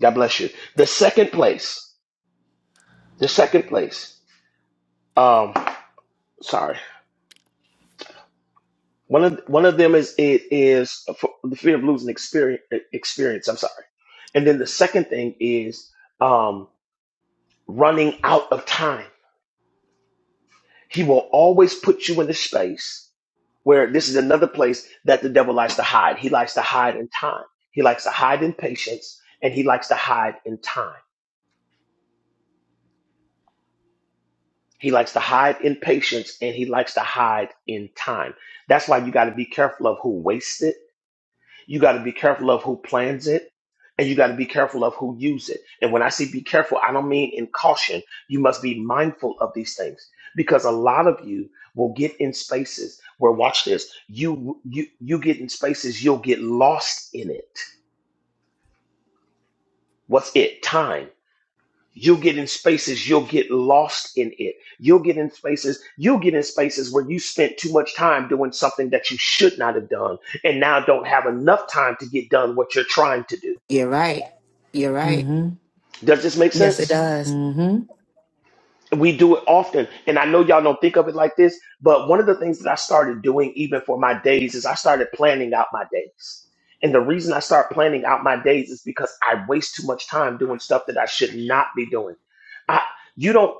S2: God bless you. The second place The second place, um, sorry, one of one of them is it is for the fear of losing experience. Experience, I'm sorry, and then the second thing is um, running out of time. He will always put you in a space where this is another place that the devil likes to hide. He likes to hide in time. He likes to hide in patience, and he likes to hide in time. He likes to hide in patience, and he likes to hide in time. That's why you got to be careful of who wastes it You got to be careful of who plans it and you got to be careful of who use it. And when I say be careful, I don't mean in caution. You must be mindful of these things because a lot of you will get in spaces where watch this. You you you get in spaces you'll get lost in it. What's it? Time. You'll get in spaces you'll get lost in it. You'll get in spaces you'll get in spaces where you spent too much time doing something that you should not have done and now don't have enough time to get done what you're trying to do
S4: You're right. You're right.
S6: Mm-hmm.
S2: Does this make
S4: Yes, it
S2: sense?
S4: does.
S6: Mm-hmm.
S2: We do it often. And I know y'all don't think of it like this, but one of the things that I started doing even for my days is I started planning out my days. And the reason I start planning out my days is because I waste too much time doing stuff that I should not be doing. I you don't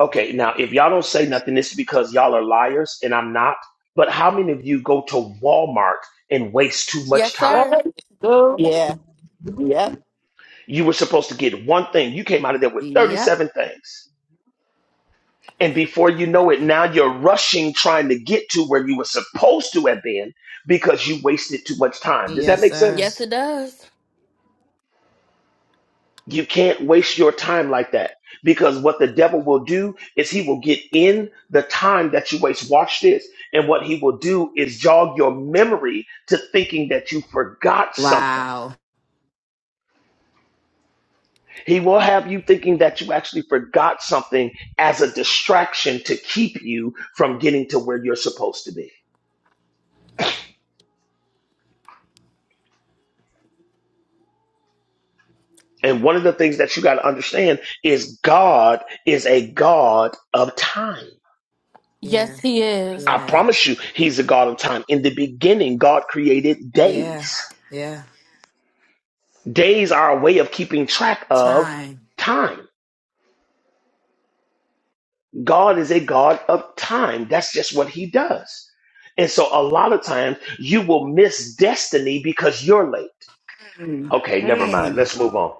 S2: okay, now if y'all don't say nothing, it's because y'all are liars and I'm not. But how many of you go to Walmart and waste too
S1: Yes,
S2: much time?
S1: sir.
S5: That's good.
S4: Yeah. Yep.
S2: You were supposed to get one thing. You came out of there with
S4: Yep.
S2: 37 things And before you know it, now you're rushing trying to get to where you were supposed to have been because you wasted too much time. Does that
S4: Yes,
S2: make
S4: sir.
S1: yes,
S2: sense?
S1: it does.
S2: You can't waste your time like that because what the devil will do is he will get in the time that you waste. Watch this. And what he will do is jog your memory to thinking that you forgot something.
S4: Wow.
S2: He will have you thinking that you actually forgot something as a distraction to keep you from getting to where you're supposed to be. And one of the things that you got to understand is God is a God of time.
S4: Yeah.
S1: Yes, he is.
S2: I
S4: Yeah.
S2: promise you, He's a God of time. In the beginning, God created
S4: Yeah.
S2: days.
S4: Yeah.
S2: Days are a way of keeping track of
S4: Time.
S2: time. God is a God of time. That's just what He does. And so a lot of times you will miss destiny because you're late.
S4: Mm.
S2: Okay, never mind.
S4: Mm.
S2: Let's move on.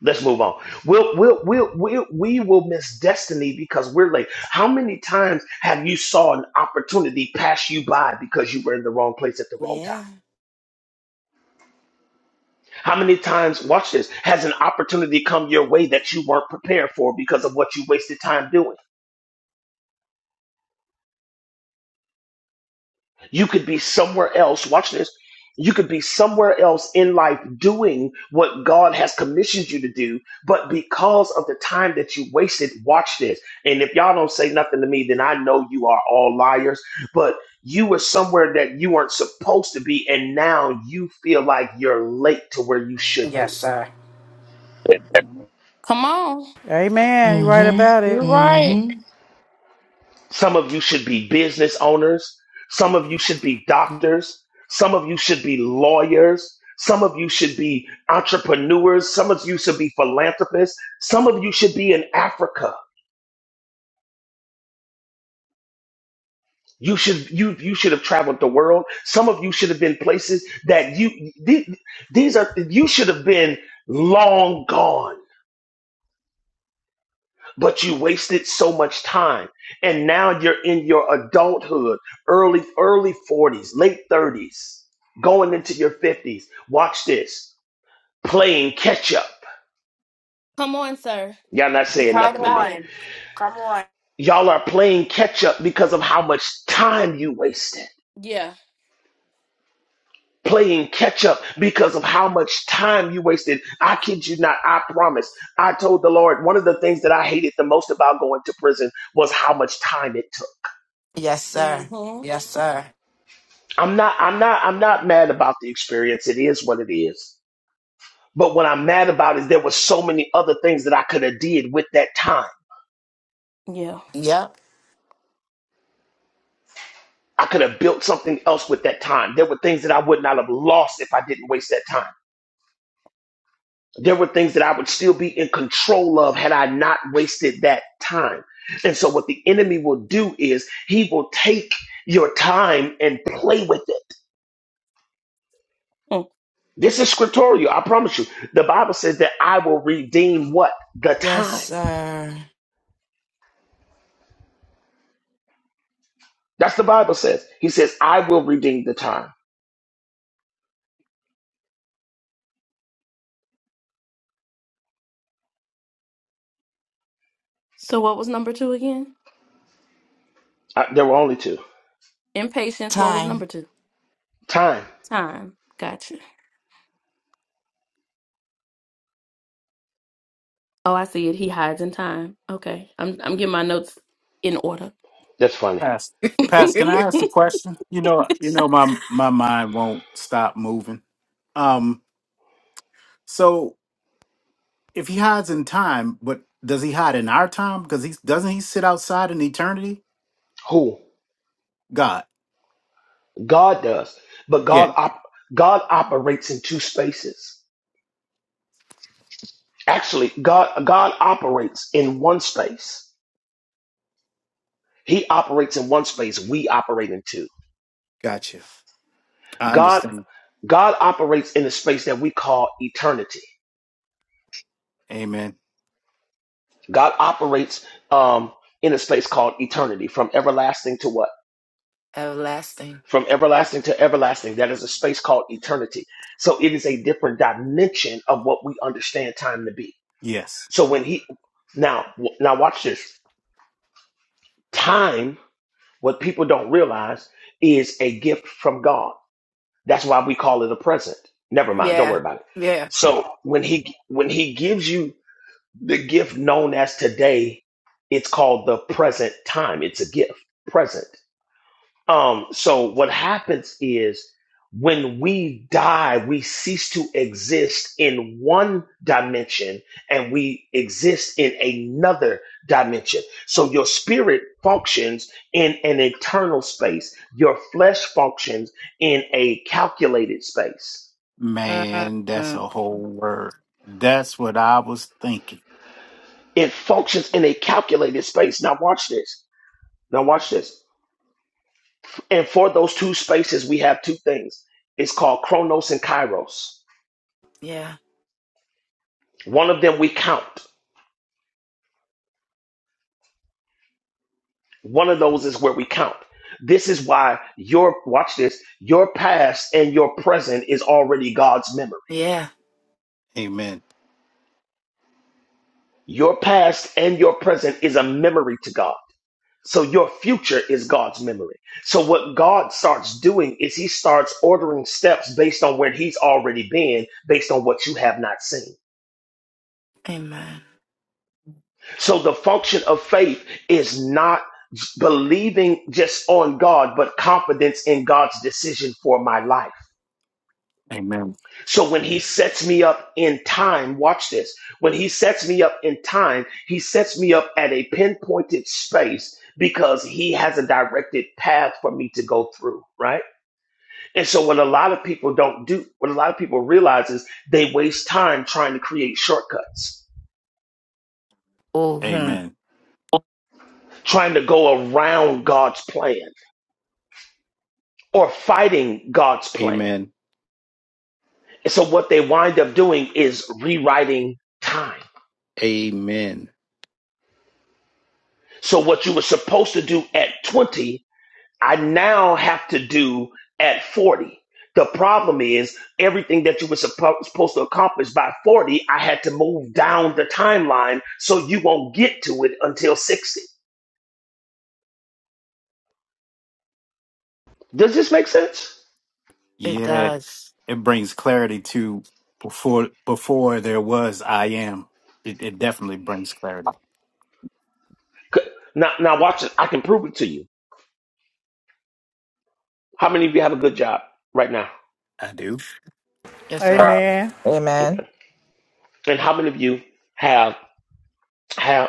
S2: Let's move on. We'll, we'll, we'll, we'll, we will miss destiny because we're late. How many times have you saw an opportunity pass you by because you were in the wrong place at the wrong time?
S4: Yeah.
S2: How many times, watch this, has an opportunity come your way that you weren't prepared for because of what you wasted time doing? You could be somewhere else. Watch this. You could be somewhere else in life doing what God has commissioned you to do, but because of the time that you wasted, watch this. And if y'all don't say nothing to me, then I know you are all liars, but you were somewhere that you weren't supposed to be, and now you feel like you're late to where you should
S4: Yes,
S2: be.
S4: sir.
S1: Come on,
S9: Amen. You right
S6: Mm-hmm.
S9: about
S5: You
S9: it.
S5: right.
S6: Mm-hmm.
S2: Some of you should be business owners. Some of you should be doctors. Some of you should be lawyers. Some of you should be entrepreneurs. Some of you should be philanthropists. Some of you should be in Africa. You should you you should have traveled the world. Some of you should have been places that you the- these are you should have been long gone. but you wasted so much time and now you're in your adulthood early early 40s late 30s going into your 50s watch this playing catch up
S1: come on, sir.
S2: y'all not
S1: You're
S2: saying
S1: right
S4: Come
S2: nothing to
S1: about
S2: me
S1: it.
S4: on. Come on.
S2: y'all are playing catch up because of how much time you wasted
S1: Yeah.
S2: playing catch up because of how much time you wasted i kid you not i promise i told the lord one of the things that i hated the most about going to prison was how much time it took
S4: Yes, sir.
S1: Mm-hmm.
S4: Yes, sir.
S2: I'm not I'm not I'm not mad about the experience. It is what it is. But what I'm mad about is there was so many other things that I could have did with that time.
S1: Yeah.
S4: Yep.
S2: I could have built something else with that time. There were things that I would not have lost if I didn't waste that time. There were things that I would still be in control of had I not wasted that time. And so what the enemy will do is he will take your time and play with it.
S1: Mm.
S2: This is scriptorial, I promise you. The Bible says that I will redeem what? The
S4: Yes,
S2: time.
S4: sir.
S2: That's the Bible says. He says, I will redeem the time.
S1: So, what was number two again?
S2: Uh, there were only two.
S1: Impatience. What was number
S4: Time.
S1: two?
S2: Time.
S1: Time. Gotcha. Oh, I see it. He hides in time. Okay. I'm I'm getting my notes in order.
S2: That's funny.
S10: Pastor,
S4: *laughs*
S10: Pastor, can I ask
S1: *laughs*
S10: a question? You know, you know,
S1: *laughs*
S10: my my mind won't stop moving. Um, so if he hides in time, but does he hide in our time? Because he doesn't he sit outside in eternity?
S2: Who?
S10: God.
S2: God does. But
S10: Yeah.
S2: God op- God operates in two spaces. Actually, God God operates in one space. He operates in one space. We operate in two.
S10: Gotcha. I
S2: God
S10: understand.
S2: God operates in a space that we call eternity.
S10: Amen.
S2: God operates um, in a space called eternity, from everlasting to what?
S4: Everlasting.
S2: from everlasting to everlasting. That is a space called eternity. So it is a different dimension of what we understand time to be.
S10: Yes.
S2: So when he now now watch this time, what people don't realize is a gift from God. That's why we call it a present. Never mind, don't
S4: Yeah.
S2: worry about it.
S4: Yeah.
S2: So when he when he gives you the gift known as today, it's called the present time. It's a gift, present. Um, so what happens is when we die, we cease to exist in one dimension and we exist in another dimension. So your spirit functions in an eternal space. Your flesh functions in a calculated space.
S4: Mm,
S10: Man, that's
S4: mm,
S10: a whole word. That's what I was thinking.
S2: It functions in a calculated space. Now watch this. Now watch this. And for those two spaces, we have two things. It's called Chronos and Kairos.
S4: Yeah.
S2: One of them we count. One of those is where we count. This is why your, watch this, your past and your present is already God's memory.
S4: Yeah.
S10: Amen.
S2: Your past and your present is a memory to God. So your future is God's memory. So what God starts doing is he starts ordering steps based on where he's already been, based on what you have not seen.
S4: Amen.
S2: So the function of faith is not believing just on God, but confidence in God's decision for my life.
S10: Amen.
S2: So when he sets me up in time, watch this. When he sets me up in time, he sets me up at a pinpointed space because he has a directed path for me to go through, right? And so what a lot of people don't do, what a lot of people realize is they waste time trying to create shortcuts,
S4: Oh, hmm.
S10: Amen.
S2: trying to go around God's plan or fighting God's plan.
S10: Amen.
S2: And so what they wind up doing is rewriting time.
S10: Amen.
S2: So what you were supposed to do at 20 I now have to do at 40. The problem is everything that you were suppo- supposed to accomplish by 40, I had to move down the timeline so you won't get to it until 60. Does this make sense?
S4: it
S10: Yeah.
S4: does.
S10: It brings clarity to before before there was I am. It, it definitely brings clarity.
S2: C- Now, now watch it. I can prove it to you. How many of you have a good job right now?
S10: I do.
S4: Yes, sir.
S9: Amen.
S7: Amen.
S2: And how many of you have, have,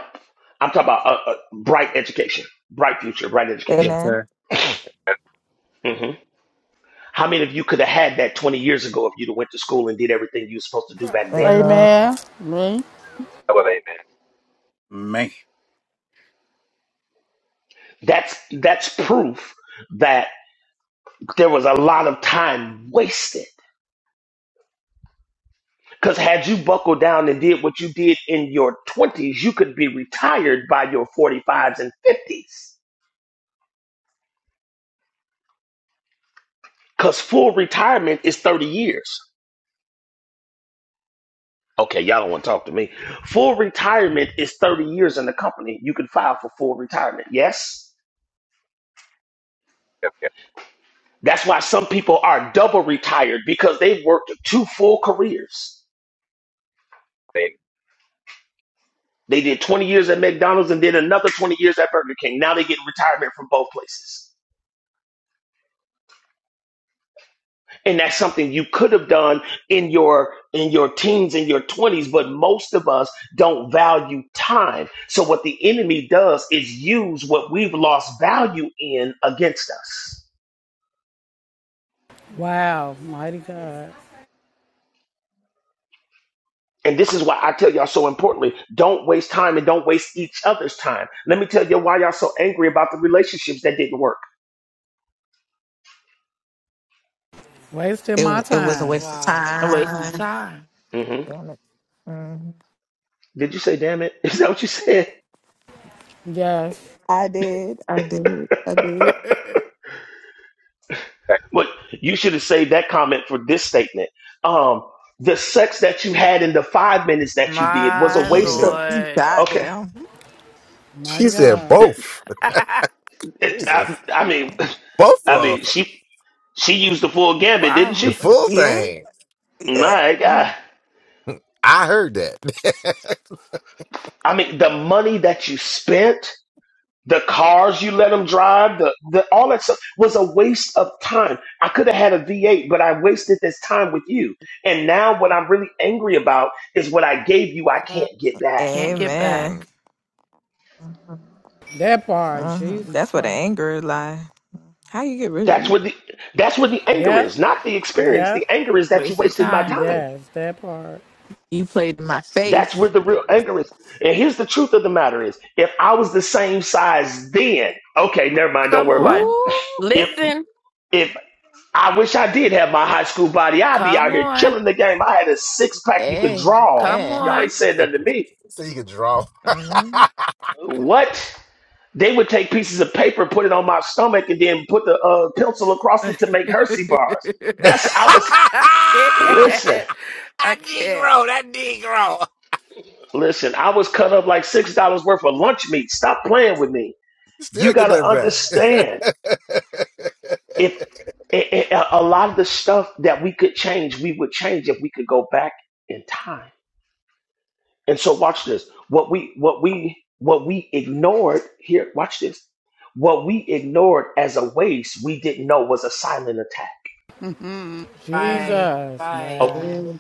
S2: I'm talking about a, a bright education, bright future, bright education.
S10: Yes,
S7: Amen.
S10: sir.
S2: hmm How many of you could have had that 20 years ago if you'd have went to school and did everything you were supposed to do back then?
S7: Amen.
S9: Amen. Me.
S3: That was amen.
S10: Man.
S2: That's that's proof that there was a lot of time wasted. Because had you buckled down and did what you did in your 20s, you could be retired by your 45s and 50s. Because full retirement is 30 years. Okay, y'all don't want to talk to me. Full retirement is 30 years in the company. You can file for full retirement. Yes?
S3: Yep, yep.
S2: That's why some people are double retired because they worked two full careers.
S3: Amen.
S2: They did 20 years at McDonald's and then another 20 years at Burger King. Now they get retirement from both places. And that's something you could have done in your in your teens in your 20s, but most of us don't value time. So what the enemy does is use what we've lost value in against us.
S9: Wow. Mighty God.
S2: And this is why I tell y'all so importantly, don't waste time and don't waste each other's time. Let me tell you why y'all so angry about the relationships that didn't work.
S9: Wasting
S7: It
S9: my
S7: it was a
S9: time.
S7: waste of
S4: Wow. A waste of
S7: time.
S4: time.
S2: hmm
S7: Damn it. Mhm.
S2: Did you say damn it? *laughs* Is that what you said?
S9: Yes.
S7: I did. I did. I
S2: *laughs*
S7: did.
S4: *laughs*
S3: Okay.
S2: But you should have saved that comment for this statement. Um, the sex that you had in the five minutes that you did was a
S4: My
S2: waste of.
S4: Lord.
S7: God
S2: Okay,
S7: damn.
S9: Mighty
S3: She said
S9: God.
S2: It-
S3: both.
S4: *laughs*
S2: it- I,
S3: Jesus.
S2: I mean, *laughs*
S3: Both
S2: I
S3: of
S2: mean,
S3: 'em.
S2: she she used the full gambit, didn't
S4: wow.
S3: The
S2: she?
S3: full
S7: Yeah.
S3: thing.
S7: Yeah.
S2: My God,
S3: I heard that.
S2: I mean, the money that you spent, the cars you let them drive, the, the all that stuff was a waste of time. I could have had a V8, but I wasted this time with you. And now, what I'm really angry about is what I gave you, I
S4: Mm,
S2: can't get back.
S4: Can't get
S7: Amen.
S3: *laughs*
S4: back.
S7: Mm-hmm.
S9: That part. Jesus
S7: Mm-hmm. That's where the
S9: Christ.
S7: anger is lie. How you get rid
S2: That's
S7: of that?
S2: where the that's where the anger is,
S9: Yep.
S2: not the experience. The
S9: Yep.
S2: anger is that you
S4: Waste of
S2: wasted my
S4: time.
S2: time.
S9: Yes. That part.
S7: You played in my
S2: That's
S7: face.
S2: where the real anger is. And here's the truth of the matter is if I was the same size then, okay, never mind, don't
S4: Come
S2: worry about it.
S4: on.
S7: Ooh.
S2: If
S1: Listen,
S2: if I wish I did have my high school body, I'd be out
S4: Come
S2: here
S4: on.
S2: killing the game. I had a six pack you could draw.
S4: Come
S2: Y'all
S7: Amen.
S2: ain't
S4: on.
S2: saying nothing to
S3: Mm.
S2: me.
S3: so you can draw.
S7: Mm-hmm.
S3: *laughs*
S2: What? They would take pieces of paper, put it on my stomach, and then put the uh, pencil
S4: *laughs*
S2: across
S4: I
S2: it to make Hershey bars.
S3: *laughs*
S2: That's I was
S3: that
S2: listen.
S4: can't. I can't.
S3: Negro, that Negro.
S2: Listen, I was cut up like six dollars worth of lunch meat. Stop playing with me.
S3: You
S2: You
S3: Still
S2: got
S3: get
S2: to
S3: that
S2: understand
S3: back. *laughs*
S2: if a a- a lot of the stuff that we could change, we would change if we could go back in time. And so, watch this. What we what we what we ignored here. Watch this. What we ignored as a waste, we didn't know was a silent attack.
S7: Mm.
S4: Right.
S9: Jesus.
S4: Right.
S2: Oh,
S9: Wow.
S7: Good.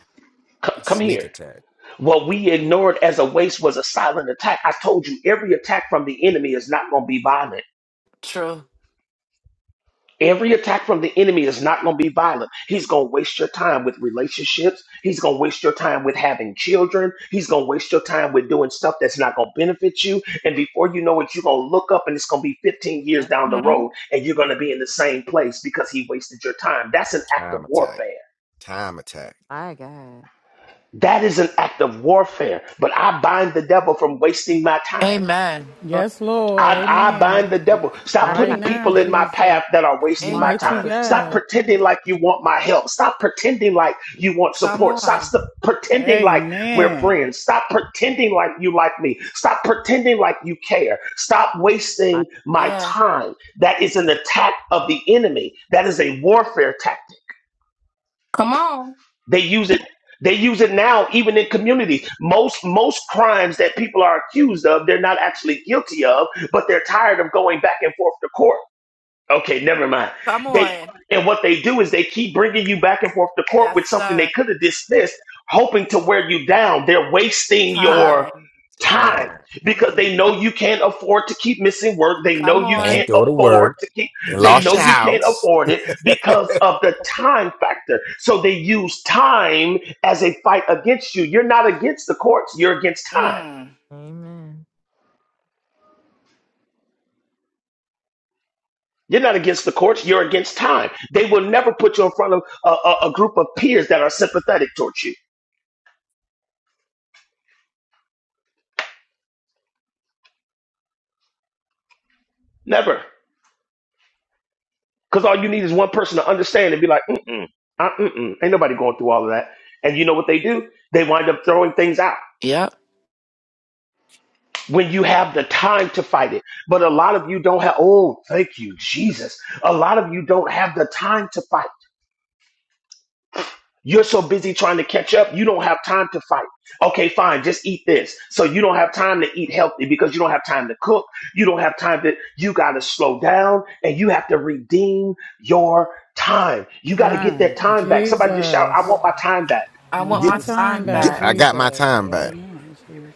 S2: c-
S3: A
S2: come
S3: sneak
S2: here.
S3: attack,
S2: What we ignored as a waste was a silent attack. I told you every attack from the enemy is not going to be violent.
S4: True.
S2: Every attack from the enemy is not going to be violent. He's going to waste your time with relationships. He's going to waste your time with having children. He's going to waste your time with doing stuff that's not going to benefit you. And before you know it, you're going to look up and it's going to be 15 years down the
S4: hmm
S2: road and you're going to be in the same place because he wasted your time. That's an act of
S3: time attack,
S2: warfare.
S3: time attack,
S7: My God.
S2: That is an act of warfare. But I bind the devil from wasting my time.
S4: Amen.
S7: Oh,
S9: Yes, Lord.
S2: I, I
S9: Amen.
S2: bind the
S7: oh,
S2: devil.
S7: my
S2: Stop
S9: Right
S7: time.
S2: putting
S9: now,
S2: people in my
S9: Jesus.
S2: path that are wasting my
S4: Amen.
S7: Stop
S9: Mighty
S2: time.
S7: putting
S2: Stop
S9: God.
S2: pretending like you want my help. Stop pretending like you want
S4: Come
S2: support. Stop
S4: on.
S2: st- pretending like we're
S9: Amen.
S2: friends. Stop pretending like you like me. Stop pretending like you care. Stop
S7: my
S2: wasting my
S4: Yeah.
S2: time. That is an attack of the enemy. That is a warfare tactic.
S1: Come on.
S2: They use it. They use it now, even in communities. Most most crimes that people are accused of, they're not actually guilty of, but they're tired of going back and forth to court. Okay, never mind.
S4: Come
S2: They
S4: on.
S2: and what they do is they keep bringing you back and forth to court
S4: Yes,
S2: with something they
S4: sir.
S2: could have dismissed, hoping to wear you down. They're wasting
S7: time.
S2: your
S4: Time.
S2: time
S3: time.
S2: because they know you can't afford to keep missing work. They know
S4: Come
S2: you
S3: Can't
S4: on.
S2: can't
S3: go to
S2: afford
S3: work.
S2: to keep.
S3: You
S2: They
S3: lost
S2: know
S3: your
S2: you can't
S3: house.
S2: afford it because
S3: *laughs*
S2: of the time factor. So they use time as a fight against you. You're not against the courts. You're against time.
S4: Mm.
S7: Amen.
S2: You're not against the courts. You're against time. They will never put you in front of a, a, a group of peers that are sympathetic towards you. Never. Because all you need is one person to understand and be like, mm-mm, uh, mm-mm. Ain't nobody going through all of that. And you know what they do? They wind up throwing things out
S4: Yep.
S2: when you have the time to fight it. But a lot of you don't have, oh, thank you, Jesus. A lot of you don't have the time to fight. You're so busy trying to catch up, you don't have time to fight. Okay, fine, just eat this. So you don't have time to eat healthy because you don't have time to cook. You don't have time to, you got to slow down and you have to redeem your time. You got to get
S9: Ah,
S2: that time back. Somebody just shout, I
S9: Jesus.
S2: want my time back.
S4: I
S9: all
S4: want
S9: my
S3: Get,
S4: my
S9: time
S4: time
S9: back,
S3: get,
S4: back.
S3: I got my
S9: Jesus.
S3: time
S9: Right
S3: back.
S9: now, Jesus.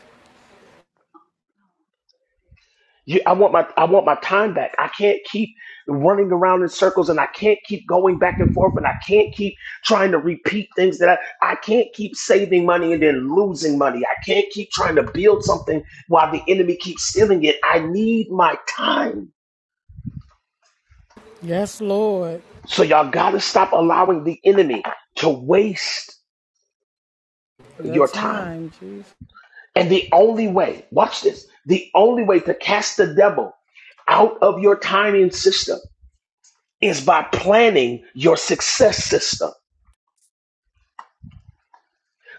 S2: You, I want my I want my time back. I can't keep running around in circles, and I can't keep going back and forth, and I can't keep trying to repeat things that I I can't keep saving money and then losing money. I can't keep trying to build something while the enemy keeps stealing it. I need my time.
S9: Yes, Lord.
S2: So y'all gotta stop allowing the enemy to waste
S9: Your
S2: your time.
S9: time, Jesus.
S2: And the only way, watch this, the only way to cast the devil out of your timing system is by planning your success system.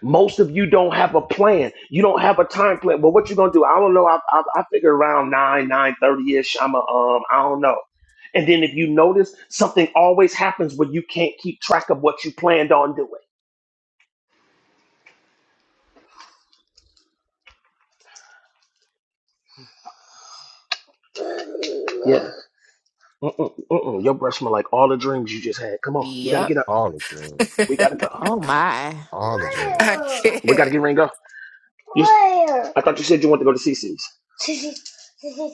S2: Most of you don't have a plan. You don't have a time plan. But what you gonna do? I don't know. I, I, I figure around nine nine thirty ish. I'm a um. I don't know. And then if you notice, something always happens when you can't keep track of what you planned on doing. Yeah. Mm-mm, mm-mm. Your breath smell like all the dreams you just had. Come on, you gotta
S4: Yep.
S2: get up.
S3: All the dreams.
S4: *laughs*
S2: We gotta go.
S7: Oh my.
S3: All the
S4: I
S3: dreams.
S2: We gotta
S4: can't.
S2: get ready and go. You, Where? I thought you said you wanted to go to C C's.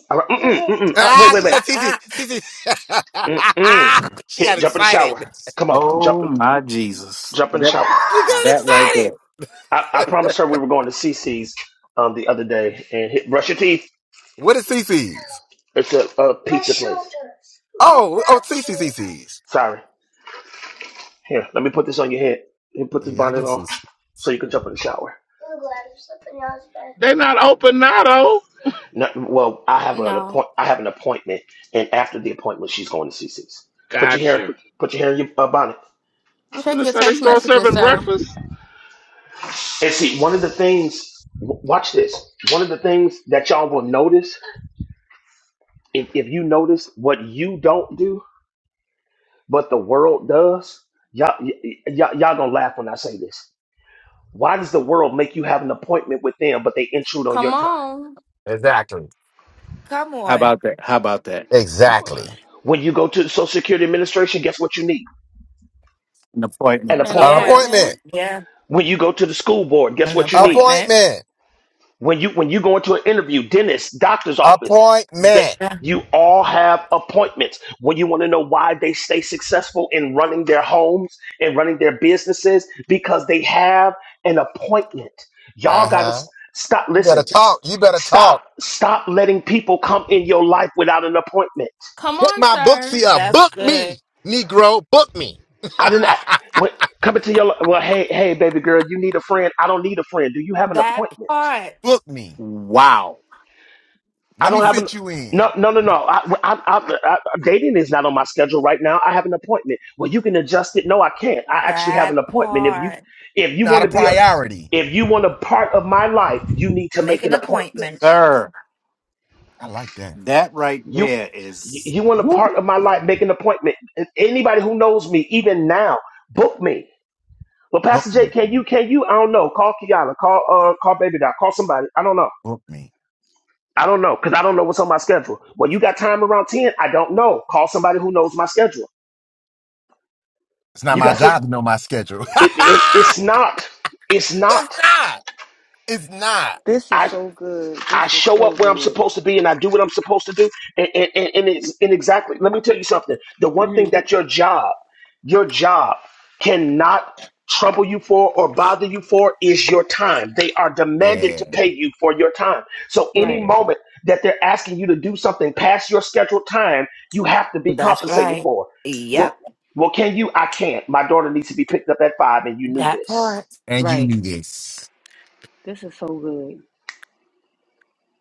S2: All right. Mm-mm, mm-mm. Uh, wait,
S3: Ah,
S2: wait,
S3: she
S2: wait.
S3: just, Cece,
S4: *laughs*
S3: Cece.
S2: Mm-mm.
S3: *laughs* she
S2: Here,
S3: got
S2: jump in the
S3: excited.
S2: shower. Come on, jump.
S10: Oh
S2: in.
S10: my Jesus.
S2: Jump in the
S10: That
S2: shower.
S3: She
S10: that right there.
S3: got
S2: I, I
S3: excited.
S2: promised her we were going to CC's um, the other day and hit, brush your teeth.
S3: *laughs* what is Cece's?
S2: It's a, a pizza place. When you grab
S3: Oh, oh,
S2: me,
S3: Cece,
S2: Sorry. Here, let me put this on your head. You put this
S3: Yeah, I
S2: bonnet
S3: miss
S2: on
S3: this.
S2: so you can jump in the shower.
S8: They not open now though.
S2: No, well, I have an
S1: no.
S2: appoint. I have an appointment, and after the appointment, she's going to CC's. Put your hair.
S8: Gotcha.
S2: Put your hair in your uh, bonnet.
S8: I'm
S1: Check
S8: finna
S1: your
S8: say they
S1: text
S8: start
S1: messages,
S8: serving
S1: sir.
S8: breakfast.
S2: And see, one of the things. w- Watch this. One of the things that y'all will notice if, if you notice what you don't do but the world does. Y'all, y- y- y'all, y'all gonna laugh when I say this. Why does the world make you have an appointment with them, but they intrude on your
S1: Come
S2: time?
S1: on.
S3: Exactly.
S4: Come
S10: How
S4: on.
S10: about that? How about that?
S3: Exactly.
S2: When you go to the Social Security Administration, guess what you need?
S10: An
S2: An
S10: appointment.
S1: An
S3: An
S2: appointment.
S4: Yeah.
S3: appointment.
S1: appointment.
S4: Yeah.
S2: When you go to the school board, guess
S4: An
S2: what you need?
S4: appointment.
S3: Appointment.
S2: when you when you go into an interview, dentist, doctor's office, that
S3: Appointment.
S4: Yeah.
S2: you all have appointments. When you want to know why they stay successful in running their homes and running their businesses, because they have an appointment. Y'all
S3: Uh
S2: gotta
S3: huh.
S2: stop.
S3: You
S2: Listen,
S3: better
S2: s-
S3: talk. You better talk.
S2: stop stop letting people come in your life without an appointment.
S1: Come
S3: Hit
S1: on,
S3: my
S1: sir.
S3: booksy up.
S4: That's
S3: Book
S4: good.
S3: me, Negro. Book me. *laughs*
S2: I didn't a- when, coming to your li- well. Hey hey baby girl, you need a friend. I don't need a friend. Do you have an
S4: That
S2: appointment?
S4: part.
S3: Book me.
S10: Wow.
S2: I
S3: Let me
S2: don't have an
S3: fit you
S2: no
S3: in.
S2: no no no. I, I, I, I, dating is not on my schedule right now. I have an appointment. Well, you can adjust it. No, I can't. I actually have
S4: That
S2: an appointment. If you
S4: part.
S2: if you
S3: Not
S2: want
S3: a
S2: to be a
S3: priority.
S2: if you want a part of my life, you need to
S4: Make
S2: make
S4: an
S2: an appointment.
S4: appointment.
S10: Sir,
S3: I like that.
S10: that right
S2: You
S10: there is
S2: you want a
S10: woo.
S2: part of my life, make an appointment. And Anybody who knows me, even now, book me. Well,
S3: Book
S2: Pastor J,
S3: me.
S2: can you? Can you? I don't know. Call Kiana. Call uh, call Baby Doc. Call somebody. I don't know.
S3: Book me.
S2: I don't know because I don't know what's on my schedule. Well, you got time around ten? I don't know. Call somebody who knows my schedule.
S3: It's not
S2: You
S3: my
S2: got some.
S3: job to know my schedule. *laughs*
S2: It, it's it's not. It's
S3: it's
S2: not.
S3: not. It's not.
S13: This is
S2: I.
S13: so good.
S2: I
S13: This is
S2: show
S13: so
S2: up where I'm
S13: good.
S2: supposed to be and I do what I'm supposed to do. And, and, and, and it's, and exactly, let me tell you something. The one
S13: hmm
S2: thing that your job, your job cannot trouble you for or bother you for is your time. They are demanded to
S3: Yeah.
S2: pay you for your time. So any
S13: Right.
S3: Yeah.
S2: moment that they're asking you to do something past your scheduled time, you have to be
S4: That's
S2: compensated
S4: right.
S2: for. Well,
S4: Yep.
S2: well, can you? I can't. My daughter needs to be picked up at five and you knew
S4: That
S2: this.
S4: part.
S3: And you
S13: Right.
S3: need this.
S13: This is so good.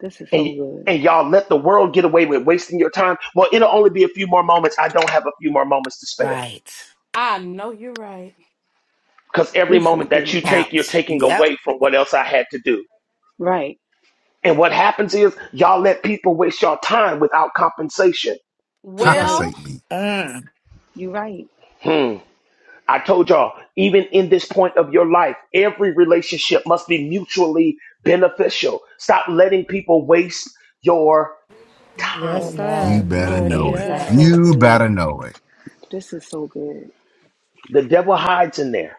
S13: This is so
S2: and
S13: good.
S2: and y'all let the world get away with wasting your time. Well, it'll only be a few more moments. I don't have a few more moments to spare
S4: Right.
S1: I know you're right.
S2: because every
S13: This is
S2: moment that
S13: good.
S2: you take, you're
S4: Counts.
S2: taking
S4: Yep.
S2: away from what else I had to do.
S13: Right.
S2: And what happens is y'all let people waste your time without compensation.
S13: You're
S1: Well,
S13: right.
S3: Compensate me.
S4: Mm.
S13: You're right.
S2: Hmm. I told y'all, even in this point of your life, every relationship must be mutually beneficial. Stop letting people waste your
S9: Yes,
S2: time.
S3: You
S9: sir.
S4: Amen.
S3: better
S13: Yo,
S9: Mighty
S3: know
S13: this
S3: it.
S13: is
S4: Amen.
S13: so
S9: God.
S3: You
S13: good.
S3: better know it.
S13: This is so good.
S2: The devil hides in there.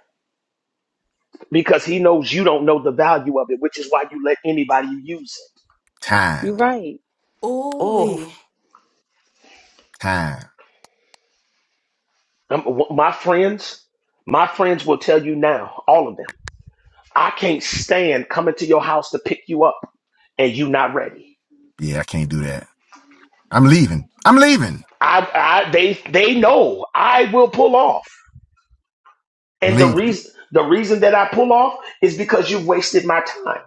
S2: because he knows you don't know the value of it, which is why you let anybody use it.
S3: Time.
S13: You're right.
S1: ooh
S4: Oh.
S1: wee.
S3: Time.
S2: Um, my friends, my friends will tell you now, all of them. I can't stand coming to your house to pick you up and you not ready.
S3: Yeah, I can't do that. I'm leaving. I'm leaving.
S2: I, I they they know I will pull off,
S3: I'm
S2: and the
S3: leaving.
S2: reason the reason that I pull off is because you wasted my time.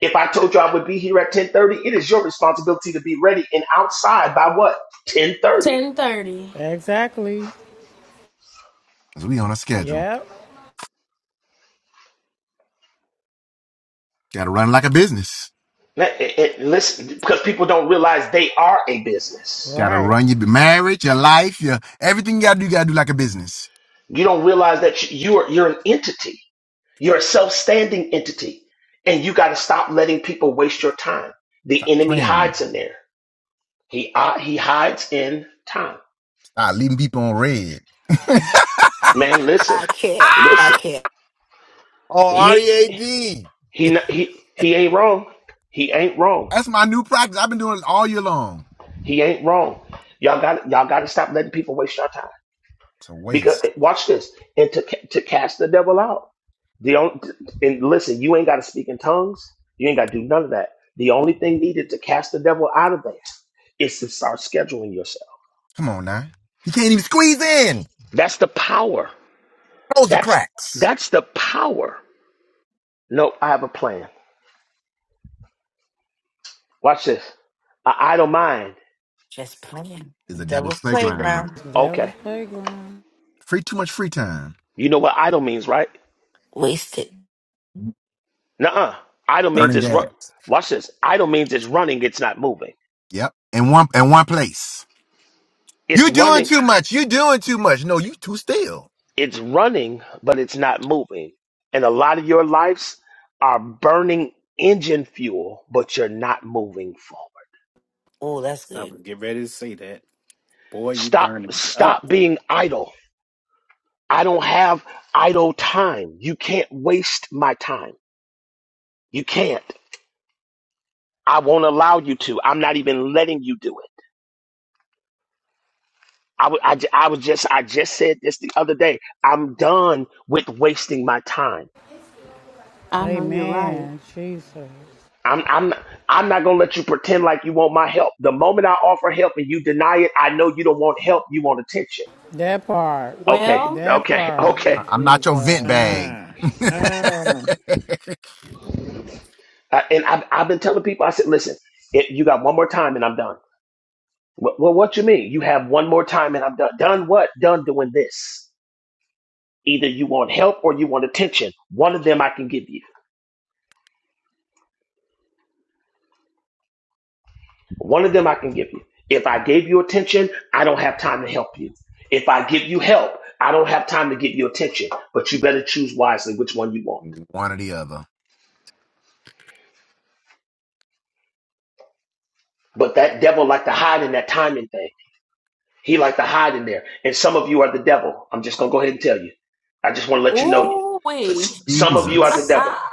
S2: If I told you I would be here at ten thirty, it is your responsibility to be ready and outside by what ten thirty.
S1: Ten thirty.
S9: Exactly.
S3: 'Cause we on a schedule.
S9: Yep.
S3: Gotta run like a business.
S2: It, it- listen, because people don't realize they are a business.
S3: Gotta
S9: Right.
S3: run your marriage, your life, your everything you gotta do, you gotta do like a business.
S2: You don't realize that you- you're you're an entity. You're a self-standing entity, and you got to stop letting people waste your time. The
S3: Stop
S2: enemy
S3: playing with me.
S2: hides in there. He uh, he hides in time.
S3: Stop leaving people on red.
S2: Man, listen,
S4: I can't. I
S2: listen.
S3: Ah!
S4: can't.
S3: Oh,
S2: He
S3: R-E-A-D.
S2: he not- he he ain't wrong. He ain't wrong.
S3: That's my new practice. I've been doing it all year long.
S2: He ain't wrong. Y'all got y'all got to stop letting people waste your time.
S3: It's a
S2: Because
S3: waste.
S2: watch this, and to ca- to cast the devil out. The only and listen, you ain't got to speak in tongues. You ain't got to do none of that. The only thing needed to cast the devil out of there is to start scheduling yourself.
S3: Come on now. You can't even squeeze in.
S2: That's the power.
S3: Close the
S2: That's
S3: cracks.
S2: that's the power. No, I have a plan. Watch this. An idle mind.
S4: Just playing.
S3: It's a devil's
S4: Devil's
S3: playground.
S4: playground.
S9: Devil's
S2: Okay.
S9: playground.
S3: Free too much free time.
S2: You know what idle means, right?
S4: Wasted.
S2: Nuh-uh. Idle means
S3: Burning
S2: it's run.
S3: gas.
S2: Watch this. Idle means it's running. It's not moving.
S3: Yep. In one in one place.
S2: It's
S3: You doing
S2: running.
S3: too much. You doing too much. No, you too still.
S2: It's running, but it's not moving. And a lot of your lives are burning engine fuel, but you're not moving forward.
S4: Oh, that's
S10: I
S4: good.
S10: was get ready to say that. Boy, you
S2: Stop
S10: burning it up.
S2: stop being idle. I don't have idle time. You can't waste my time. You can't. I won't allow you to. I'm not even letting you do it. I w- I, j- I was just I just said this the other day. I'm done with wasting my time.
S1: I know you're right.
S9: Amen. Jesus.
S2: I'm I'm I'm not gonna let you pretend like you want my help. The moment I offer help and you deny it, I know you don't want help. You want attention.
S9: That part.
S2: Okay,
S1: Well,
S9: That
S2: okay, *laughs*
S9: part.
S2: okay.
S3: I- I'm not your vent
S9: Jesus.
S3: bag.
S4: Mm.
S3: *laughs*
S4: Mm.
S2: Uh, and I've I've been telling people. I said, listen, it, you got one more time and I'm done. Well, well, what you mean? You have one more time and I'm done. Done what? Done doing this. Either you want help or you want attention. One of them I can give you. One of them I can give you. If I gave you attention, I don't have time to help you. If I give you help, I don't have time to give you attention. But you better choose wisely which one you want.
S3: one or the other.
S2: But that devil like to hide in that timing thing. He like to hide in there. And some of you are the devil. I'm just gonna go ahead and tell you. I just want to let you know you.
S1: Ooh wee.
S2: Some of you are the
S3: Jesus.
S2: devil.
S1: Ah,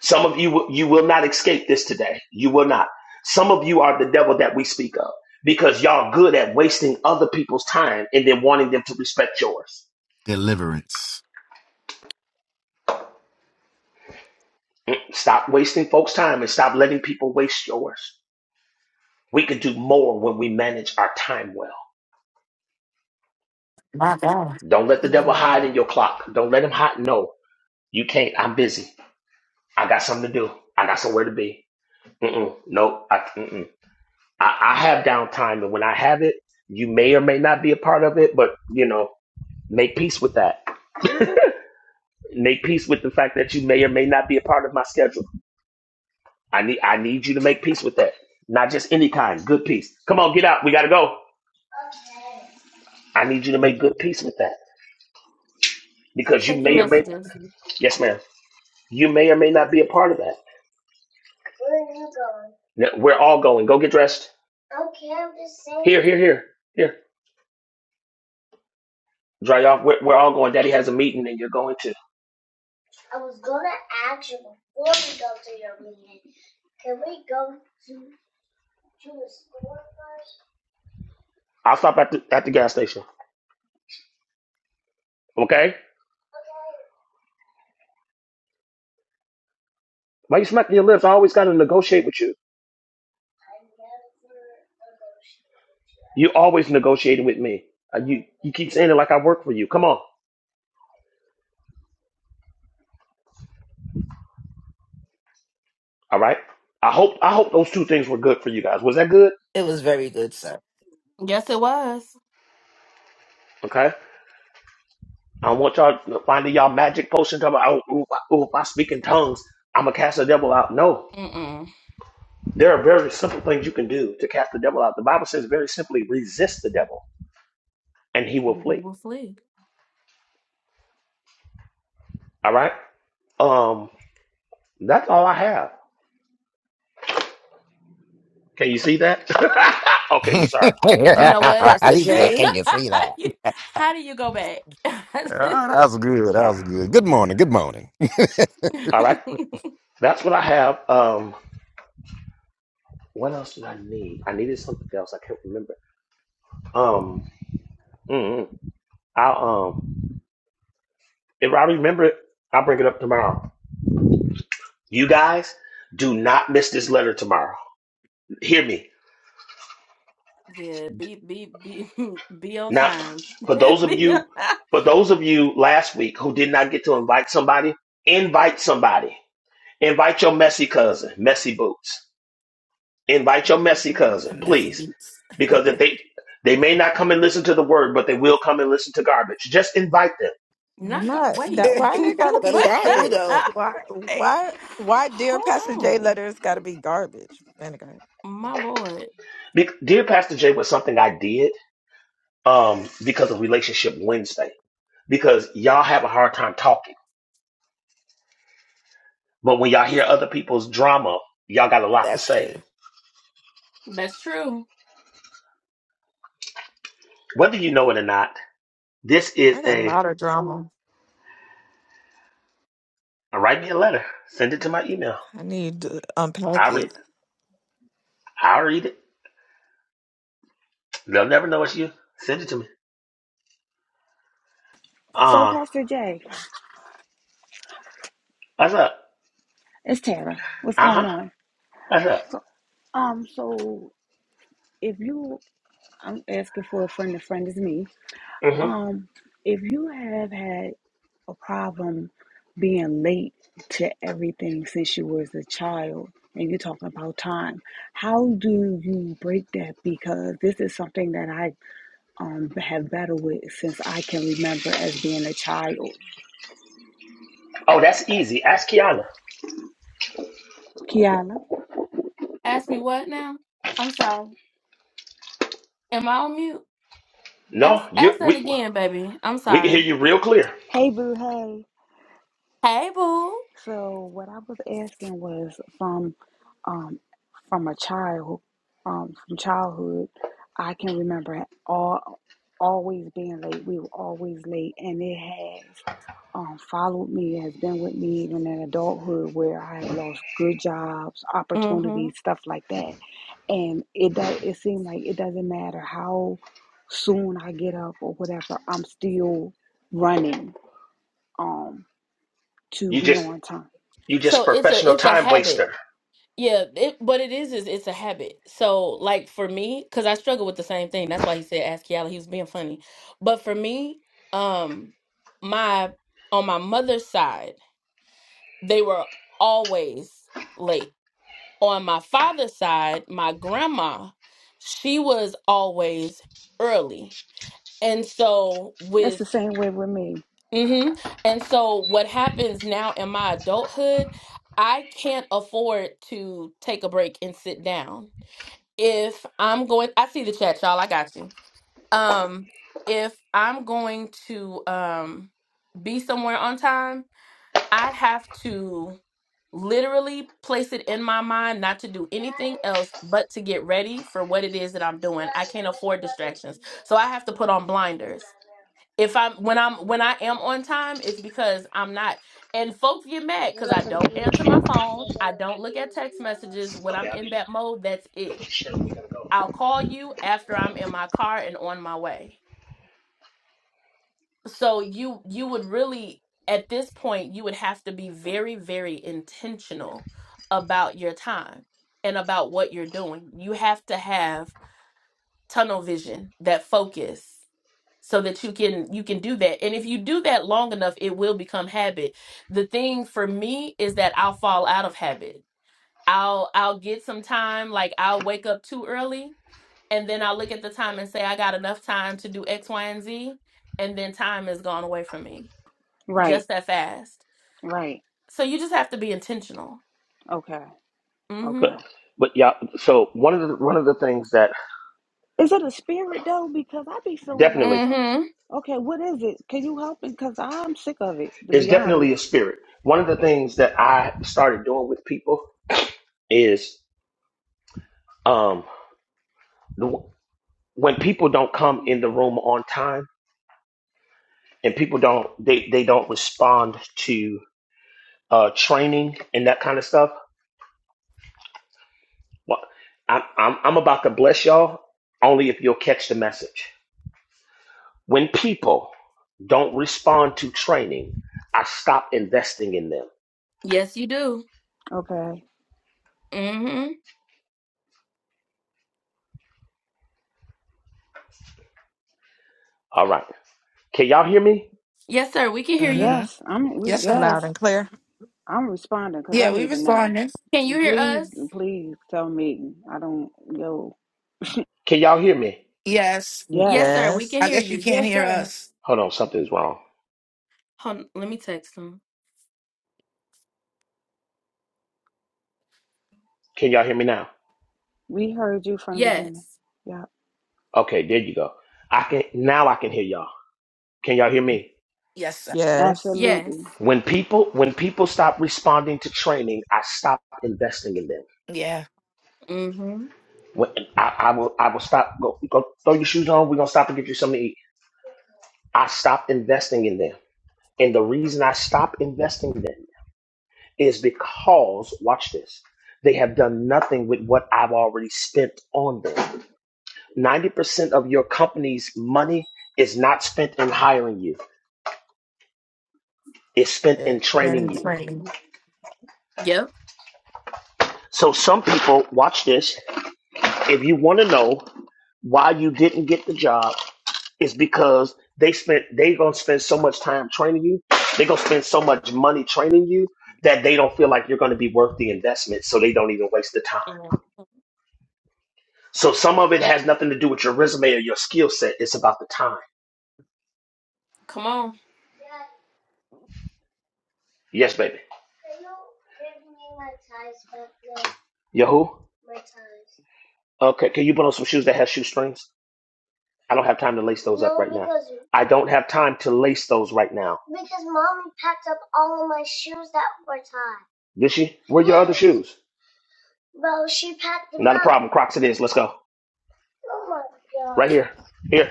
S2: Some of you you will not escape this today. You will not. Some of you are the devil that we speak of because y'all good at wasting other people's time and then wanting them to respect yours.
S3: Deliverance.
S2: Stop wasting folks' time and stop letting people waste yours. We can do more when we manage our time well.
S4: My God.
S2: Don't let the devil
S4: Mm.
S2: hide in your clock. Don't let him hide. No, you can't. I'm busy. I got something to do. I got somewhere to be. Mm-mm. Nope. I, mm-mm. I, I have downtime, and when I have it, you may or may not be a part of it, but you know, make peace with that. *laughs* make peace with the fact that you may or may not be a part of my schedule. I need I need you to make peace with that. Not just any kind. Good peace. Come on, get out. We gotta go. I need you to make good peace with that because you
S1: check your
S2: may or may
S1: messages.
S2: yes, ma'am. You may or may not be a part of that. No, We're all going. Go get dressed. Okay. I'm just saying. Here, here, here, here. Dry off. We're, we're all going. Daddy has a meeting, and you're going too. I'll stop at the at the gas station. Okay. Why you smacking your lips? I always got to negotiate with you. You always negotiating with me. Uh, You you keep saying it like I work for you. Come on. All right. I hope I hope those two things were good for you guys. Was that good?
S4: It was very good, sir.
S1: Yes, it was.
S2: Okay. I don't want y'all to find y'all magic potions. Talking about, oh, if I, oh, if I speak in tongues, I'm gonna cast the devil out. No,
S1: Mm-mm.
S2: there are very simple things you can do to cast the devil out. The Bible says very simply, resist the devil, and he will
S1: We
S2: flee.
S1: will flee.
S2: All right. Um, that's all I have. Can you see that? *laughs*
S3: *laughs*
S2: okay.
S3: he
S2: Sorry.
S3: said,
S1: You
S2: Sorry.
S1: know what?
S4: Pastor
S1: *laughs*
S2: All right,
S1: See,
S4: J.
S3: "Can you
S1: *laughs*
S3: see that?"
S1: how do you go back? *laughs*
S3: Ah, that was good. That
S2: sorry.
S3: was good. Good morning. Good morning.
S2: All right. That's what I have. Um, what else did I need? I needed something else. I can't remember. Um, mm, mm. I'll um, if I remember it, I'll bring it up tomorrow. You guys do not miss this letter tomorrow. Hear me.
S1: yeah, be be be *laughs* be on
S2: Now,
S1: time.
S2: for
S1: *laughs*
S2: those of
S1: be
S2: you,
S1: on
S2: for those of you last week who did not get to invite somebody, invite somebody. Invite your messy cousin, messy boots. Invite your messy
S1: Mhm.
S2: cousin, please.
S4: Messages.
S2: Because if they they may not come and listen to the word, but they will come and listen to garbage. Just invite them.
S7: I'm
S1: Not go-
S7: not
S4: *laughs*
S1: wait.
S7: that why they gotta
S1: *laughs*
S4: but
S7: be
S1: What?
S4: it's true,
S7: garbage?
S4: though.
S1: *laughs*
S7: Why
S1: Wait.
S7: why why dear
S1: Hold
S7: Pastor J
S1: on,
S7: letters gotta be garbage? Man, I got
S1: my lord.
S2: Bec- Dear Pastor Jay was something I did um, because of Relationship Wednesday. Because y'all have a hard time talking But when y'all hear other people's drama, y'all got a lot to
S4: That's
S2: say.
S4: true.
S1: That's true.
S2: Whether you know it or not, this is
S7: I got a
S2: a
S7: lot of drama.
S2: write me a letter. Send it to my email.
S7: I need to unpack
S2: I'll read it.
S7: it
S2: I'll read it. They'll never know it's you. Send it to me.
S13: So,
S2: Uh,
S13: Pastor Jay,
S2: what's up?
S13: it's Tara. What's going
S2: Uh-huh.
S13: on?
S2: What's up?
S13: Um, so if you, I'm asking for a friend. A friend is me.
S2: hmm
S13: Um, if you have had a problem being late to everything since you was a child and you're talking about time how do you break that because this is something that i um, have battled with since I can remember as being a child.
S2: Oh, that's easy. Ask Kiana.
S13: Kiala.
S1: Ask me what now? I'm sorry. Am I on mute? Ask,
S2: No, you
S1: ask that
S2: we
S1: again, baby. I'm
S2: we can hear
S1: sorry.
S2: you real clear.
S13: Hey, boo, hey.
S1: Hey, boo.
S13: So what I was asking was from um, from a child, um, from childhood, I can remember all always being late. We were always late, and it has um, followed me, has been with me even in adulthood, where I have lost good jobs,
S1: Mm-hmm.
S13: opportunities, stuff like that and it does it seems like it doesn't matter how soon I get up or whatever, I'm still running um to
S2: You
S13: be
S2: just
S13: on time.
S2: you just
S1: So it's a
S2: professional
S1: it's a
S2: time
S1: habit.
S2: waster.
S1: Yeah, it, but it is is it's a habit. So like for me, because I struggle with the same thing. That's why he said ask Kiala. He was being funny. But for me, um, my on my mother's side, they were always late. On my father's side, my grandma, she was always early. And so
S13: That's the
S1: with
S13: same way with me.
S1: Mm-hmm. And so what happens now in my adulthood, I can't afford to take a break and sit down. If I'm going, I see the chat, y'all. I got you. Um, if I'm going to um be somewhere on time, I have to literally place it in my mind not to do anything else but to get ready for what it is that I'm doing. I can't afford distractions. So I have to put on blinders if I'm when I'm when I am on time, it's because I'm not. And folks get mad because I don't answer my phone. I don't look at text messages when
S2: Okay,
S1: I'm
S2: I'll
S1: in
S2: get
S1: that mode. That's it.
S2: it. Sure, we gotta go.
S1: I'll call you after I'm in my car and on my way. So you you would really at this point you would have to be very very intentional about your time and about what you're doing. You have to have tunnel vision, that focus so that you can you can do that and if you do that long enough it will become habit the thing for me is that i'll fall out of habit i'll i'll get some time like i'll wake up too early and then i'll look at the time and say i got enough time to do x y and z and then time has gone away from me
S13: Right,
S1: just that fast
S13: right.
S1: so you just have to be intentional
S13: Okay,
S1: mm-hmm
S2: But
S13: okay.
S2: but yeah, so one of the one of the things that
S13: Is it a spirit though? Because I be feeling like
S2: definitely.
S13: something.
S1: mm-hmm
S13: Okay, what is it? Can you help me? Because I'm sick of it, to
S2: it's
S13: be
S2: definitely
S13: honest.
S2: a spirit. One of the things that I started doing with people is um, the, when people don't come in the room on time and people don't they, they don't respond to uh, training and that kind of stuff. Well, i I'm I'm about to bless y'all only if you'll catch the message. When people don't respond to training, I stop investing in them.
S1: yes you do
S13: Okay.
S1: mm-hmm
S2: All right, can y'all hear me?
S1: yes sir we can hear you
S4: hmm
S13: Yes, I'm. we-
S4: Yes, sir.
S7: loud
S13: Yes,
S7: and clear.
S13: I'm responding because I
S4: Yeah, we
S13: need to know.
S4: responding.
S1: can you hear
S13: Please,
S1: us
S13: please tell me. I don't. Yo.
S2: Can y'all hear me?
S4: Yes.
S1: yes
S13: Yes.
S1: sir we
S7: Yes.
S1: can
S4: I
S1: hear
S4: guess you
S1: you
S4: can't
S14: Yes,
S4: hear
S14: sir.
S4: us.
S2: Hold on, something's wrong.
S1: hold on, let me text him.
S2: Can y'all hear me now?
S13: We heard you from the beginning.
S1: Yes.
S13: Yeah,
S2: Okay, there you go. I can now I can hear y'all. Can y'all hear me?
S4: Yes, sir.
S7: Yes.
S1: Yes.
S13: absolutely.
S2: When people when people stop responding to training, I stop investing in them.
S4: Yeah.
S1: Mm-hmm.
S2: When I, I will I will stop go, go throw your shoes on, we're gonna stop and get you something to eat. I stop investing in them. And the reason I stop investing in them is because watch this. They have done nothing with what I've already spent on them. 90% of your company's money is not spent in hiring you. It's spent
S7: And
S2: in
S7: then
S2: training
S7: it's
S2: you.
S7: raining.
S1: Yep.
S2: So some people watch this. If you want to know why you didn't get the job, it's because they spent they gonna spend so much time training you. They gonna spend so much money training you that they don't feel like you're gonna be worth the investment. So they don't even waste the time.
S1: Mhm.
S2: So some of it has nothing to do with your resume or your skill set. It's about the time.
S1: Come on.
S2: Yes, baby. Yahoo. Okay. Can you put on some shoes that have shoestrings? I don't have time to lace those no, up right now. I don't have time to lace those right now. Did she? Where are your other shoes? Not a problem. Crocs it is. Let's go. Right here. Here.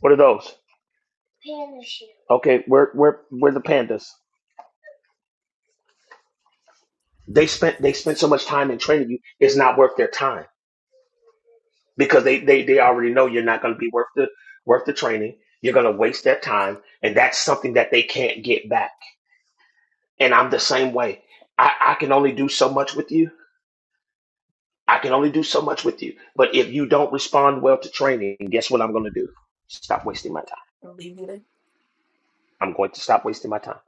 S2: What are those? Okay, we're we're we're the pandas. They spent they spent so much time in training you, it's not worth their time. Because they they, they already know you're not gonna be worth the worth the training. You're gonna waste their time, and that's something that they can't get back. And I'm the same way. I, I can only do so much with you. I can only do so much with you. But if you don't respond well to training, guess what I'm gonna do? Stop wasting my time.
S1: I'll leave you there.
S2: I'm going to stop
S1: Yep.
S2: wasting my time.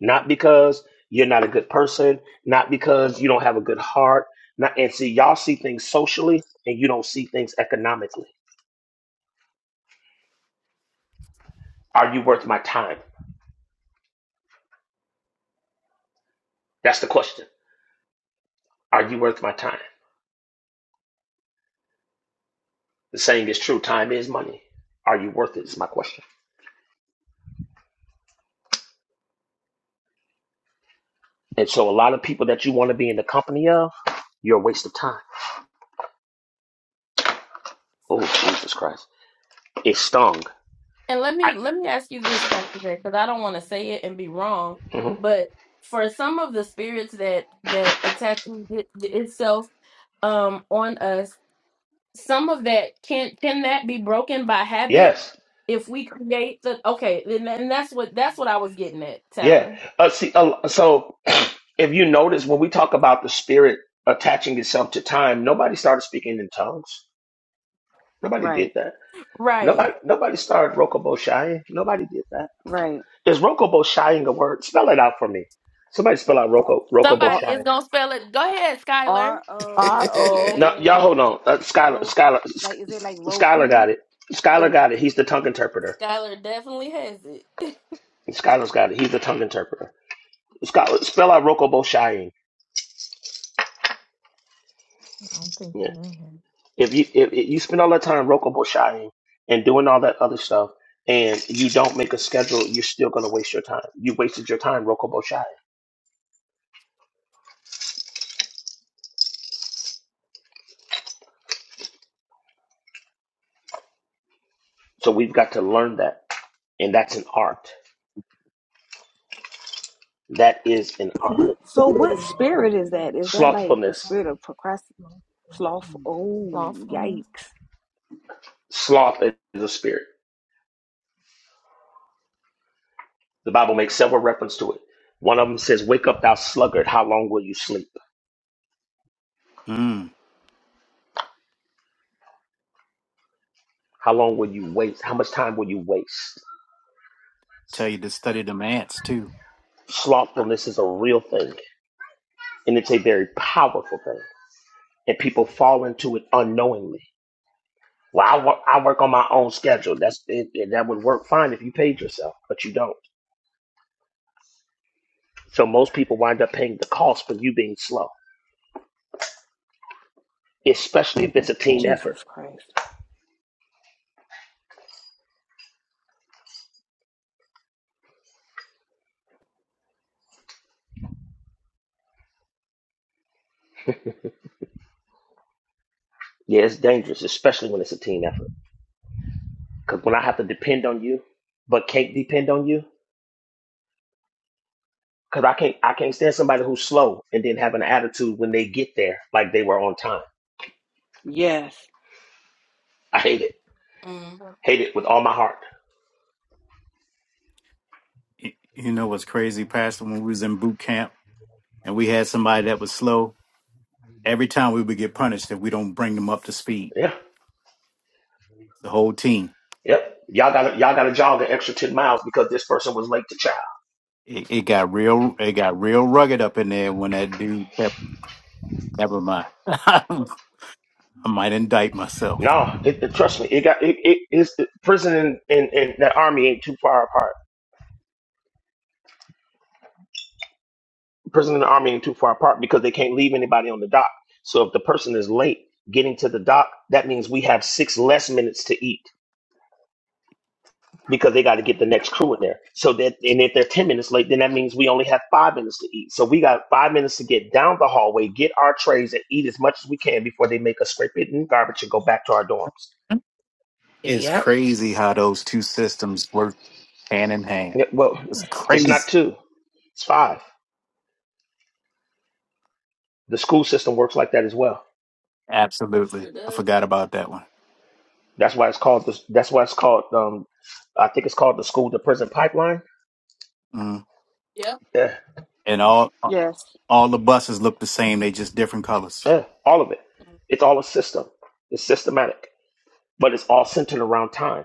S2: Not because you're not a good person, not because you don't have a good heart. Not and see y'all see things socially and you don't see things economically. Are you worth my time? That's the question. Are you worth my time? The saying is true, time is money. Are you worth it is my question. And so a lot of people that you want to be in the company of, you're a waste of time. Oh Jesus Christ. It stung.
S1: And let
S2: I,
S1: me let me ask you this, Pastor Jay, because I don't want to say it and be wrong,
S2: Mhm.
S1: but for some of the spirits that that attack it- itself um on us, some of that can can that be broken by habit
S2: Yes.
S1: if we create the okay, and, and that's what that's what I was getting at,
S2: Yeah.
S1: Tara.
S2: Uh, see, uh, so *clears throat* if you notice, when we talk about the spirit attaching itself to time, nobody started speaking in tongues. Nobody did
S13: Right,
S2: that.
S1: Right.
S2: Nobody, nobody started rokobo shying. Nobody did that.
S13: right.
S2: Is rokobo shying a word? Spell it out for me. Somebody spell out roko rokobo
S13: R
S1: Somebody is
S2: shying.
S1: gonna spell it. Go ahead, Skylar.
S13: R
S4: *laughs*
S7: R
S13: O
S7: O
S2: No, y'all
S13: K
S2: hold on. Uh, Skylar,
S13: Roku.
S2: Skylar,
S13: Like, is it like
S2: Sk- Skylar
S13: Roku?
S2: got it. Skylar
S13: Like,
S2: got it. He's the tongue interpreter.
S1: Skylar definitely has it. *laughs*
S2: Skylar's got it. He's the tongue interpreter. Skylar, spell out rokobo shying.
S7: I don't think you in here.
S2: If you if, if you spend all that time rokobo shopping and doing all that other stuff, and you don't make a schedule, you're still going to waste your time. You wasted your time rokobo shopping. So we've got to learn that, and that's an art. That is an art.
S13: so what spirit is that? Is that like a
S2: Slothfulness,
S13: spirit of procrastination? Sloth? Oh,
S7: Slothfulness.
S13: yikes!
S2: sloth is a spirit. The Bible makes several reference to it. One of them says, "Wake up, thou sluggard! How long will you sleep?
S10: Mm.
S2: How long will you waste? How much time will you waste?"
S10: Tell you to study them ants too.
S2: Slothfulness is a real thing, and it's a very powerful thing, and people fall into it unknowingly Well, I work, I work on my own schedule. That's it, it- that would work fine if you paid yourself, but you don't. So most people wind up paying the cost for you being slow, especially if it's a team effort.
S13: Jesus Christ.
S2: Yeah, it's dangerous, especially when it's a team effort. Because when I have to depend on you, but can't depend on you, because I can't I can't stand somebody who's slow and then have an attitude when they get there like they were on time.
S13: Yes,
S2: I hate it.
S1: Mm,
S2: Hate it with all my heart.
S10: Y- You know what's crazy, Pastor, when we was in boot camp and we had somebody that was slow, every time we would get punished if we don't bring them up to speed.
S2: Yeah.
S10: The whole team.
S2: Yep. Y'all got y'all got to jog an extra ten miles because this person was late to church.
S10: It, it got real it got real rugged up in there when that dude kept Never mind. *laughs* I might indict myself.
S2: No, it, it- trust me, it got it. it it's the prison and, and, and that army ain't too far apart. Prison and the army ain't too far apart because they can't leave anybody on the dock. So if the person is late getting to the dock, that means we have six less minutes to eat because they got to get the next crew in there. So that and if they're ten minutes late, then that means we only have five minutes to eat. So we got five minutes to get down the hallway, get our trays, and eat as much as we can before they make us scrape it in garbage and go back to our dorms.
S10: It's
S4: yep.
S10: crazy how those two systems work hand in hand.
S2: Yeah, well,
S10: It's
S2: it's not
S10: crazy.
S2: two, it's five. The school system works like that as well.
S10: Absolutely.
S1: sure
S10: I
S1: does.
S10: forgot about that one.
S2: That's why it's called the, that's why it's called um I think it's called the school to prison pipeline.
S10: Mm.
S1: Yep.
S2: Yeah,
S10: And all
S13: yes.
S10: all the buses look the same. They just different colors.
S2: yeah, all of it.
S1: Mm,
S2: It's all a system. It's systematic, but it's all centered around time,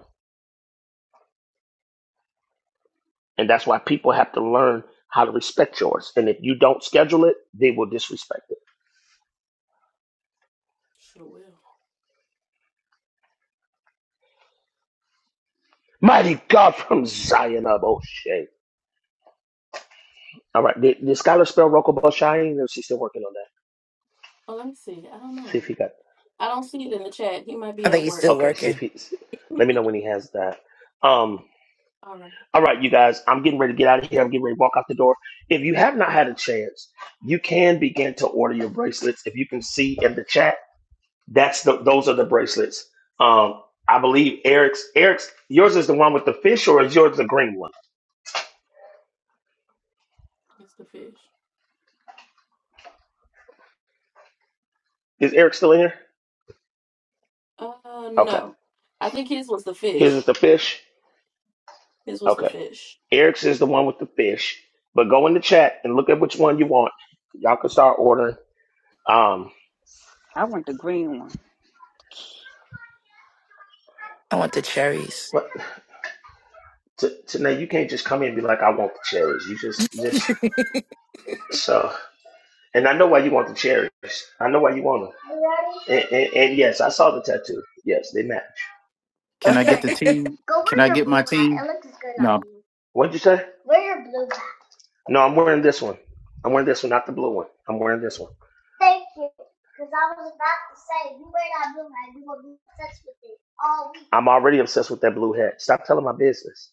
S2: and that's why people have to learn how to respect yours. And if you don't schedule it, they will disrespect it.
S1: sure will.
S2: Mighty God from Zion of O'Shea. All right, did, did Skylar spell Roko Boshayin? Or is she still working on that?
S1: Oh, let me see. I don't
S2: See if
S1: know.
S2: he got.
S1: I don't see it in the chat. He might
S4: I
S1: be
S4: think
S1: at
S4: he's
S1: work.
S4: still
S2: Okay, see if
S4: working.
S2: he. let me know when he has that. Um,
S1: All right.
S2: All right, you guys, I'm getting ready to get out of here. I'm getting ready to walk out the door. If you have not had a chance, you can begin to order your bracelets. If you can see in the chat, that's the those are the bracelets. Um, I believe Eric's Eric's yours is the one with the fish, or is yours the green one?
S1: It's the fish.
S2: Is Eric still in here?
S1: Uh,
S2: Okay,
S1: no. I think his was the
S2: his is
S1: fish.
S2: the fish.
S1: His was the
S2: Okay,
S1: fish.
S2: Eric's is the one with the fish. But go in the chat and look at which one you want. Y'all can start ordering. Um,
S13: I want the green one.
S4: I want the cherries.
S2: but T- Tanae, you can't just come in and be like, "I want the cherries." You just just
S4: *laughs*
S2: so. And I know why you want the cherries. I know why you want them. And, and, and yes, I saw the tattoo. Yes, they match.
S10: Can I get the
S4: *laughs*
S10: team? Can I get my team? No.
S2: What'd you say? No, I'm wearing this one. I'm wearing this one, not the blue one. I'm wearing this one. I'm already obsessed with that blue hat. Stop telling my business.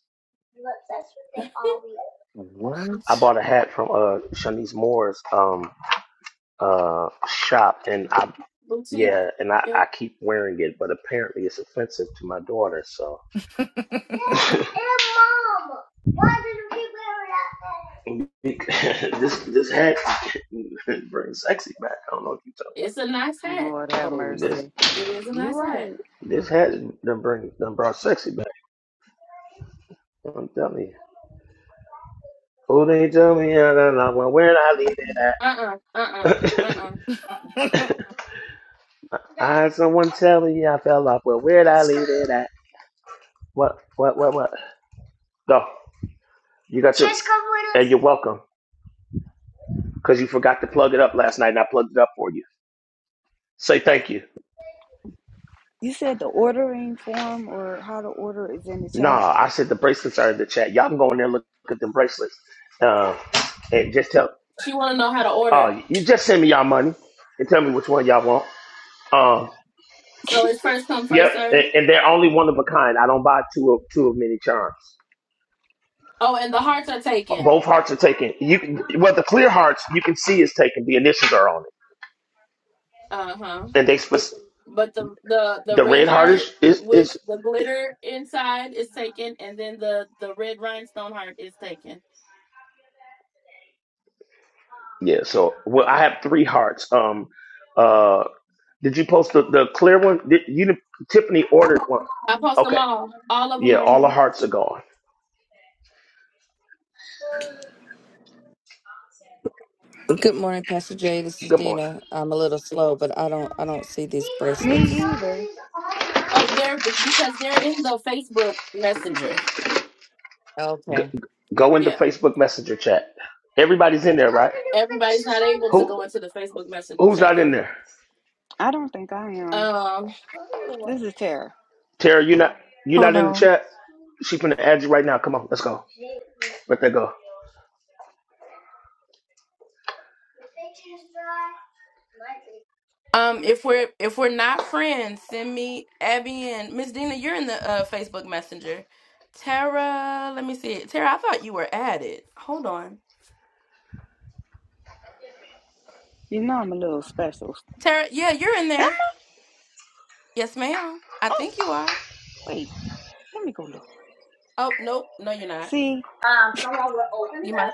S10: What?
S2: I bought a hat from uh Shanice Moore's um uh shop and I
S1: Boutique.
S2: yeah, and I, I
S1: Yep.
S2: keep wearing it, but apparently it's offensive to my daughter, so *laughs* this this hat *laughs* brings sexy back. I don't know if you talk
S1: It's a nice hat.
S11: Lord have
S4: oh,
S2: about this.
S11: mercy.
S1: It is a
S11: You're
S1: nice hat.
S11: right.
S2: This hat done bring done brought sexy back. Don't tell me. Who they tell me I fell off? Well, where'd I leave it
S1: Uh-uh. Uh-uh. Uh-uh.
S2: at?
S1: Uh-uh.
S4: *laughs*
S1: uh-uh.
S2: *laughs* I had someone tell me I fell off. Well, where'd I leave it at? What? What? What? What? Go. You got your. Just come with us. And you're welcome. Cause you forgot to plug it up last night, and I plugged it up for you. Say thank you.
S13: You said the ordering form or how to order is in the chat.
S2: Nah, I said the bracelets are in the chat. Y'all can go in there and look at them bracelets. Um, and just tell.
S1: She want to know how to order.
S2: Oh, you just send me y'all money and tell me which one y'all want. Um.
S1: So
S13: *laughs*
S1: it's first come,
S2: Yep,
S1: first
S2: and,
S1: serve.
S2: and they're only one of a kind. I don't buy two of two of many charms.
S1: Oh, and the hearts are taken.
S2: Both hearts are taken. You can well the clear hearts you can see is taken. The initials are on it,
S1: Uh-huh.
S2: and they spec-
S1: but the the the
S2: the
S1: red
S2: red heart
S1: heart
S2: is is,
S1: with
S2: is
S1: the glitter inside is taken, and then the the red rhinestone heart is taken.
S2: yeah. So well, I have three hearts. Um, uh, did you post the, the clear one? Did, you didn't- Tiffany ordered one.
S1: I post them
S2: Okay,
S1: all. All of them
S2: yeah,
S1: are in
S2: all the
S1: there
S2: hearts are gone.
S15: Good morning, Pastor Jay. This is
S2: Good morning.
S15: Dina. I'm a little slow, but I don't I don't see these bracelets.
S13: Me either.
S1: up there be- because they're in the Facebook Messenger.
S2: Go,
S15: Okay.
S2: go in the
S1: Yeah,
S2: Facebook Messenger chat. Everybody's in there, right?
S1: everybody's not able to
S2: Who
S1: go into the Facebook Messenger
S2: who's
S1: chat
S2: not in
S1: though.
S2: there?
S13: I don't think I am.
S1: Um,
S13: This is Tara.
S2: Tara, you not you not
S1: hold
S2: in the
S1: on.
S2: chat? She finna add you right now. Come on, let's go. Let that go.
S1: Um, if we're if we're not friends, send me Abby and Miss Dina. You're in the uh, Facebook Messenger. Tara, let me see it. Tara, I thought you were added. Hold on.
S13: You know I'm a little special.
S1: Tara, yeah, you're in
S13: Am-
S1: there. Yes, ma'am. I
S13: oh,
S1: think you are.
S13: wait, let me go look.
S1: Oh, nope. No, you're not.
S13: See,
S1: You might.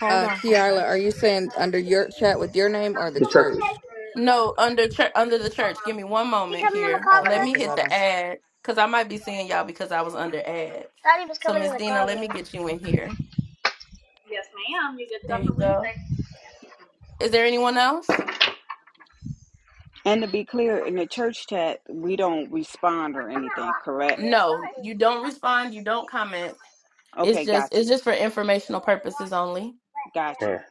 S1: Hold
S15: Uh
S1: on.
S15: Kiala, are you saying under your chat with your name or the
S2: The turkey.
S15: church?
S1: No, under church, under the church. Give me one moment here. Let
S15: Okay,
S1: me
S15: because
S1: hit
S15: I don't
S1: the
S15: s-
S1: ad because I might be seeing y'all because I was under ad. So, Miss Dina, let me get you in here. There you go. Is there anyone else?
S13: and to be clear, in the church chat, we don't respond or anything, correct?
S1: No, you don't respond. You don't comment. It's
S13: Okay,
S1: just
S13: got
S1: it's
S13: you,
S1: just for informational purposes only.
S13: got
S2: Yeah.
S13: you.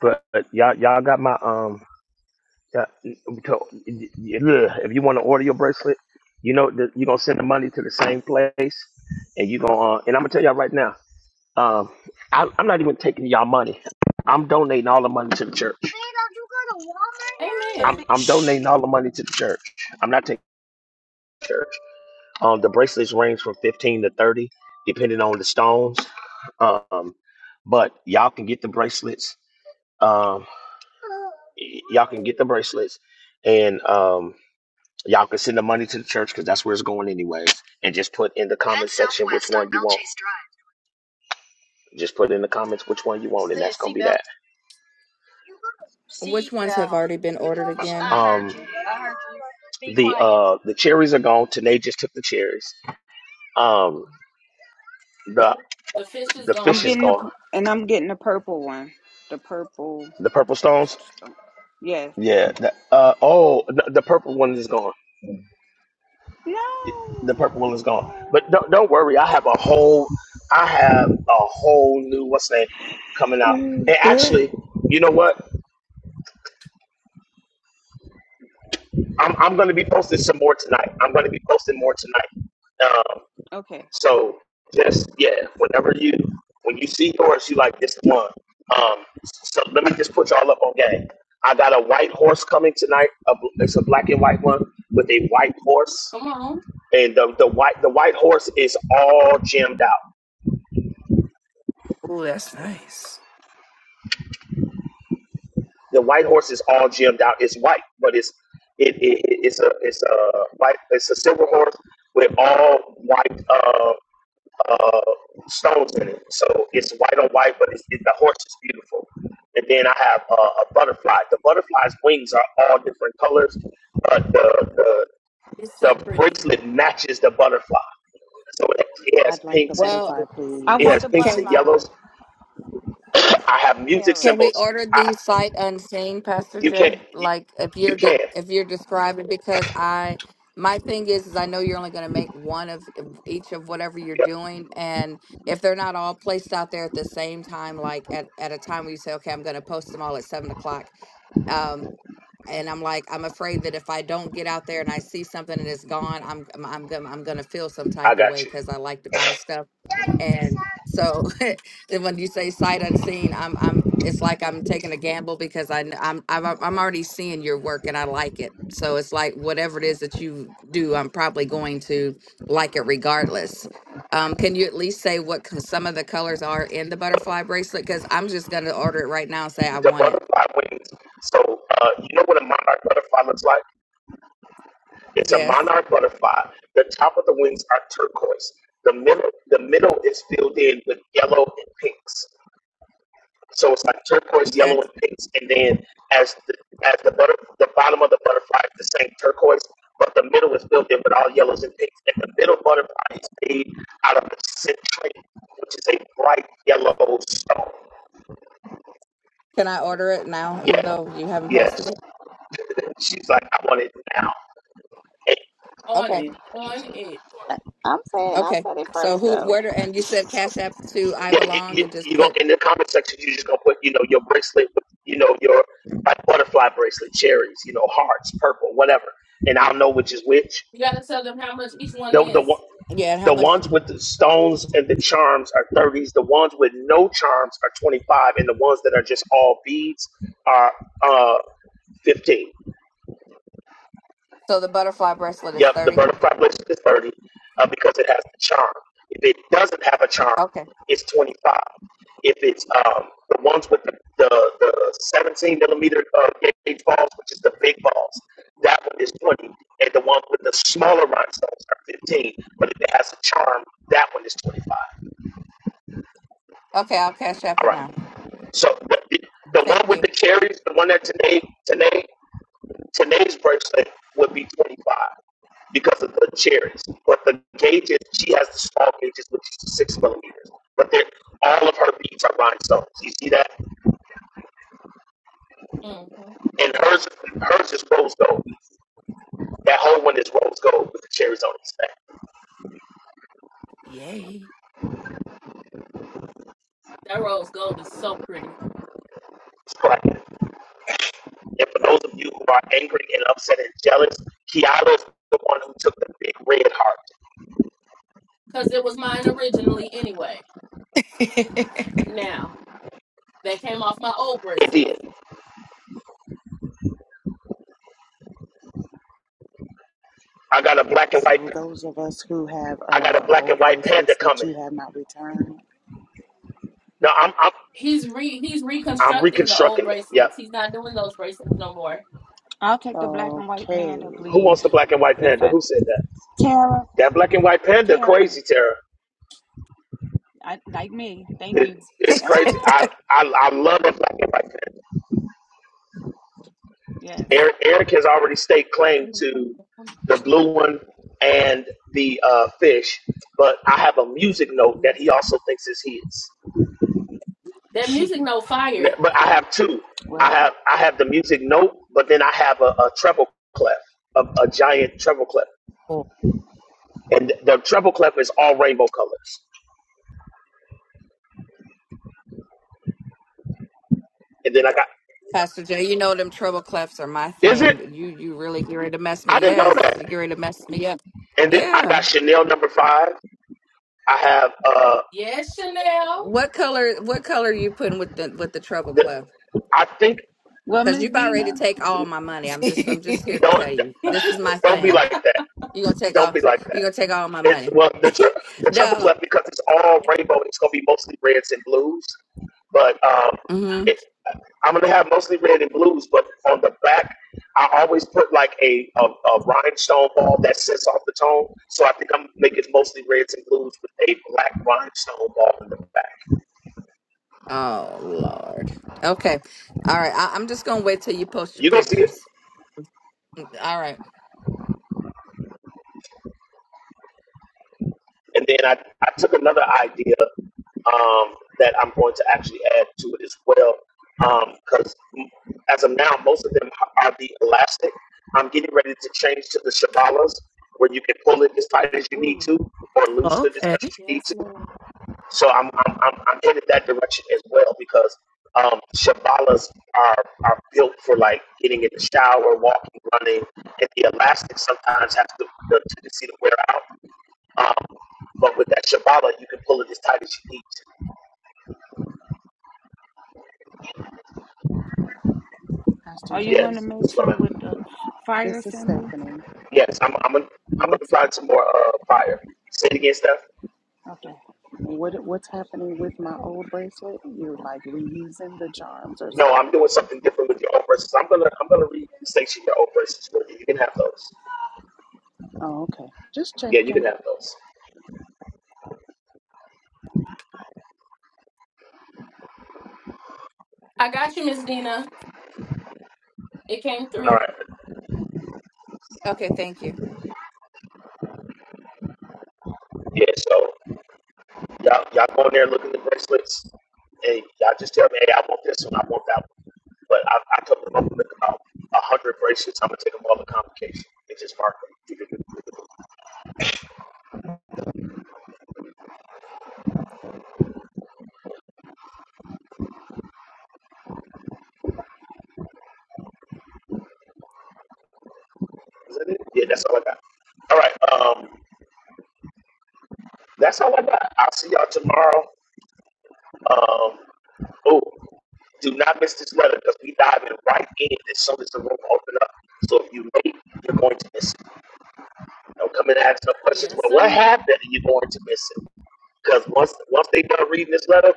S2: But, but y'all y'all got my um. y'all- so, yeah, If you want to order your bracelet, you know that you're gonna send the money to the same place, and you gonna uh, and I'm gonna tell y'all right now. Um, I, I'm not even taking y'all money. I'm donating all the money to the church. I'm,
S1: Amen.
S2: I'm donating all the money to the church. I'm not taking the church. Um, the bracelets range from 15 to 30, depending on the stones. Um, but y'all can get the bracelets. Um, y- y'all can get the bracelets, and um, y'all can send the money to the church because that's where it's going anyways. And just put in the comment section which one you want. Just put in the comments which one you want, and that's gonna be that.
S15: which ones have already been ordered again?
S2: Um, the uh, the cherries are gone. Tanae just took the cherries. Um, the
S1: The fish is
S2: the
S13: I'm
S2: fish
S1: gone.
S2: is
S13: getting the
S2: gone.
S13: pu- and I'm getting the purple one, the purple.
S2: The purple stones.
S13: stone. Yes.
S2: Yeah. The, uh, oh, the, the purple one is gone.
S13: No.
S2: The purple one is gone. But don't don't worry. I have a whole I have a whole new what's name coming out.
S13: *laughs*
S2: And actually, you know what? I'm I'm gonna be posting some more tonight. I'm gonna be posting more tonight. Um,
S13: okay.
S2: So just yeah, whenever you when you see horse, you like this one. Um, so let me just put y'all up on game. I got a white horse coming tonight. A, bl- it's a black and white one with a white horse,
S1: Come on.
S2: and the, the white the white horse is all gemmed out.
S4: oh, that's nice.
S2: The white horse is all gemmed out. It's white, but it's it, it it's a it's a white it's a silver horse with all white. Um, uh, stones in it. So it's white on white, but it's, it, the horse is beautiful. And then I have uh, a butterfly. The butterfly's wings are all different colors, but the, the
S1: It's so
S2: the
S1: pretty.
S2: bracelet matches the butterfly. So it, it has
S11: I'd like the
S2: pinks. And,
S15: Well,
S11: butterfly,
S13: I
S2: it
S13: want
S11: please.
S2: has
S13: the
S2: pinks and
S15: can
S13: butterfly,
S2: yellows. I have music
S13: Taylor.
S15: Can we
S2: symbols.
S15: order
S2: I
S15: these sight unseen, Pastor
S2: you
S15: Jay?
S2: can't you,
S15: Like if
S2: you
S15: you're de-
S2: can.
S15: if you're describing because I my thing is is I know you're only going to make one of each of whatever you're
S2: Yep,
S15: doing and if they're not all placed out there at the same time, like at, at a time where you say, okay, I'm going to post them all at seven o'clock, um, and I'm like, I'm afraid that if I don't get out there and I see something and it's gone, I'm I'm I'm gonna I'm gonna feel some
S2: I
S15: type of
S2: got
S15: way
S2: you.
S15: because I like to buy stuff,
S1: *laughs*
S15: and so *laughs* And when you say sight unseen, I'm I'm it's like I'm taking a gamble because I kn- I'm I've, al- I'm already seeing your work and I like it. So it's like whatever it is that you do, I'm probably going to like it regardless. Um, can you at least say what co- some of the colors are in the butterfly bracelet? Because I'm just going to order it right now and say I
S2: The
S15: want it.
S2: butterfly wings. So uh, you know what a monarch butterfly looks like? It's a
S15: Yes.
S2: monarch butterfly. The top of the wings are turquoise. The middle, the middle is filled in with yellow and pinks. So it's like turquoise,
S15: Okay.
S2: yellow, and pinks. And then as the as the butter, the bottom of the butterfly is the same turquoise, but the middle is filled in with all yellows and pinks. And the middle butterfly is made out of citrate, which is a bright yellow stone.
S15: Can I order it now, even
S2: Yeah,
S15: though you haven't posted
S2: yes.
S15: it?
S2: She's like, I want it now. And
S1: on
S15: Okay.
S1: it. On it.
S13: I- I'm saying I
S15: Okay.
S13: said it
S15: So
S13: first
S15: who?
S13: though.
S15: Where? Do, and you said Cash App to I
S2: Yeah, you,
S15: Belong
S2: you,
S15: and just
S2: you gonna
S15: put
S2: in the comment section you just gonna put you know your bracelet with you know your like butterfly bracelet, cherries, you know hearts, purple, whatever, and I'll know which is which.
S1: You gotta tell them how much each one
S2: The the one
S1: is.
S15: yeah. And how
S2: the
S15: much?
S2: ones with the stones and the charms are thirties. The ones with no charms are twenty five, and the ones that are just all beads are uh fifteen.
S15: So the butterfly bracelet is
S2: Yep, the
S15: 30.
S2: bird of revelation is 30 uh, because it has the charm. If it doesn't have a charm,
S15: Okay.
S2: it's 25. If it's um, the ones with the, the, the 17 millimeter uh, gauge balls, which is the big balls, that one is 20. And the ones with the smaller rhinestones are 15. But if it has a charm, that one is 25.
S15: Okay, I'll cash app
S2: All
S15: it
S2: right.
S15: now.
S2: So the, the, the one
S15: Thank
S2: with the
S15: you.
S2: cherries, the one that today, today, today's bracelet would be 25. because of the cherries. But the gauges, she has the small gauges, which is six millimeters. But they're all of her beads are rhinestones. You see that?
S1: hmm
S2: And hers, hers is rose gold. That whole one is rose gold with the cherries on its back.
S4: Yay.
S1: That rose gold is so pretty.
S2: It's cracking. And for those of you who are angry and upset and jealous, Kiara's the one who took the big red heart.
S1: Cause it was mine originally anyway.
S4: *laughs*
S1: Now that came off my old
S2: It
S1: bracelet.
S2: did. I got a black and white.
S11: So, those of us who have
S2: I got a
S11: uh,
S2: black and
S11: old
S2: white panda
S11: bracelets that
S2: coming.
S11: you have not returned.
S2: No, I'm I'm
S1: He's re he's
S2: I'm
S1: reconstructing the old
S2: reconstructing it. Yep.
S1: bracelets. He's not doing those bracelets no more.
S13: I'll take the black and white
S11: Okay,
S13: panda,
S2: Who wants
S13: please.
S2: the black and white
S13: Since
S2: panda?
S13: I
S2: Who said that?
S13: Tara,
S2: That black and white panda
S13: Tara.
S2: crazy Tara.
S13: I, like me. Thank
S2: It,
S13: you.
S2: it's crazy.
S13: Ah,
S2: I, I I love a black and white pen.
S13: yes.
S2: Eric, Eric has already staked claim to the blue one and the uh, fish, but I have a music note that he also thinks is his.
S1: That
S13: *laughs*
S1: music no fire.
S2: But I have two. I
S13: well,
S2: have I have the music note, but then I have a, a treble clef, a, a giant treble clef,
S4: oh.
S2: and the treble clef is all rainbow colors. And then I got
S15: Pastor Jay, you know them treble clefs are my
S2: is
S15: thing.
S2: it?
S15: You you really get ready to mess me.
S2: I didn't know
S15: Yes, you
S2: that.
S15: get ready to mess me up.
S2: And then I
S15: Yeah.
S2: got Chanel number five. I have uh
S1: Yes, Chanel.
S15: What color what color are you putting with the with the treble
S2: the
S15: clef?
S2: I think
S13: well,
S15: Because
S13: Miss
S15: you about ready to
S13: Dina,
S15: take all my money. I'm just I'm
S4: *laughs*
S15: just here to tell
S2: Don't
S15: you.
S1: *laughs*
S15: This is my
S2: don't be
S15: thing.
S2: like that.
S15: you gonna take
S2: Don't
S15: all
S2: be like
S15: you
S2: that.
S15: gonna take all my
S2: It
S15: money.
S2: well the
S15: *laughs*
S2: tri- the triple
S15: no.
S2: clef because it's all rainbow. It's gonna be mostly reds and blues, but um,
S15: Mm-hmm.
S2: it, I'm gonna have mostly red and blues. But on the back, I always put like a a, a rhinestone ball that sets off the tone. So I think I'm making mostly reds and blues with a black rhinestone ball in the back.
S15: Oh Lord. Okay. All right. I, I'm just gonna wait till you post your
S2: You gonna see it.
S15: pictures. All right.
S2: And then I, I took another idea um, that I'm going to actually add to it as well. Because as of now, most of them are the elastic. I'm getting ready to change to the Shabalas, where you can pull it as tight as you need
S1: Ooh,
S2: to or loosen it as
S4: okay.
S2: much as you need
S1: yes,
S2: to.
S1: Lord.
S2: So I'm, I'm, I'm, I'm headed that direction as well because um, Shabalas are, are built for like getting in the shower, walking, running, and the elastic sometimes has the, the tendency to wear out. Um, but with that Shibata, you can pull it as tight as you need.
S11: Pastor
S13: are you going
S11: Jay,
S13: to
S2: Yes.
S13: make some with
S2: So,
S13: the fire
S11: this is
S13: symbol?
S11: Stephanie.
S2: yes, I'm, I'm, gonna, I'm gonna
S11: What's
S2: apply some more uh, fire. Say it again, Steph.
S13: Okay.
S11: what, what's happening with my old bracelet? You're like reusing the charms or
S2: No, I'm
S11: something.
S2: doing something different with your own verses. I'm gonna I'm gonna re-station your own verses for you. You can have those.
S11: Oh, okay. Just
S2: Yeah, you
S11: checking.
S2: can have those.
S1: I got you, Miss Dina. It came
S2: All
S1: through.
S2: right.
S15: Okay, thank you.
S2: Yeah. So y'all y'all go in there, look at the bracelets, and y'all just tell me, hey, I want this one, I want that one. But I, I told them I'm gonna make about a hundred bracelets. I'm gonna take them all to convocation and just mark them. Is that it? Yeah, that's all I got. All right. Um, that's all I got. I'll see y'all tomorrow. Um, oh, do not miss this letter because we diving right in as soon as the room open up. So if you late, you're going to miss it. You know, come in and ask some questions.
S1: Yes,
S2: But what
S1: sir.
S2: happened? You're going to miss it because once once they done reading this letter,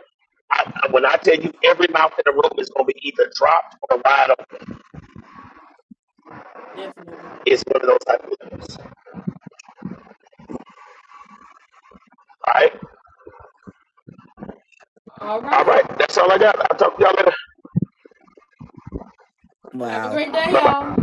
S2: I, I- when I tell you every mouth in the room is going to be either dropped or wide open.
S1: Definitely.
S2: It's one of those type of things. All right.
S1: All
S2: All
S1: right.
S2: right. That's all I got. I'll talk to y'all later.
S1: Have a
S4: Wow.
S1: great day,
S2: Bye bye.
S1: y'all.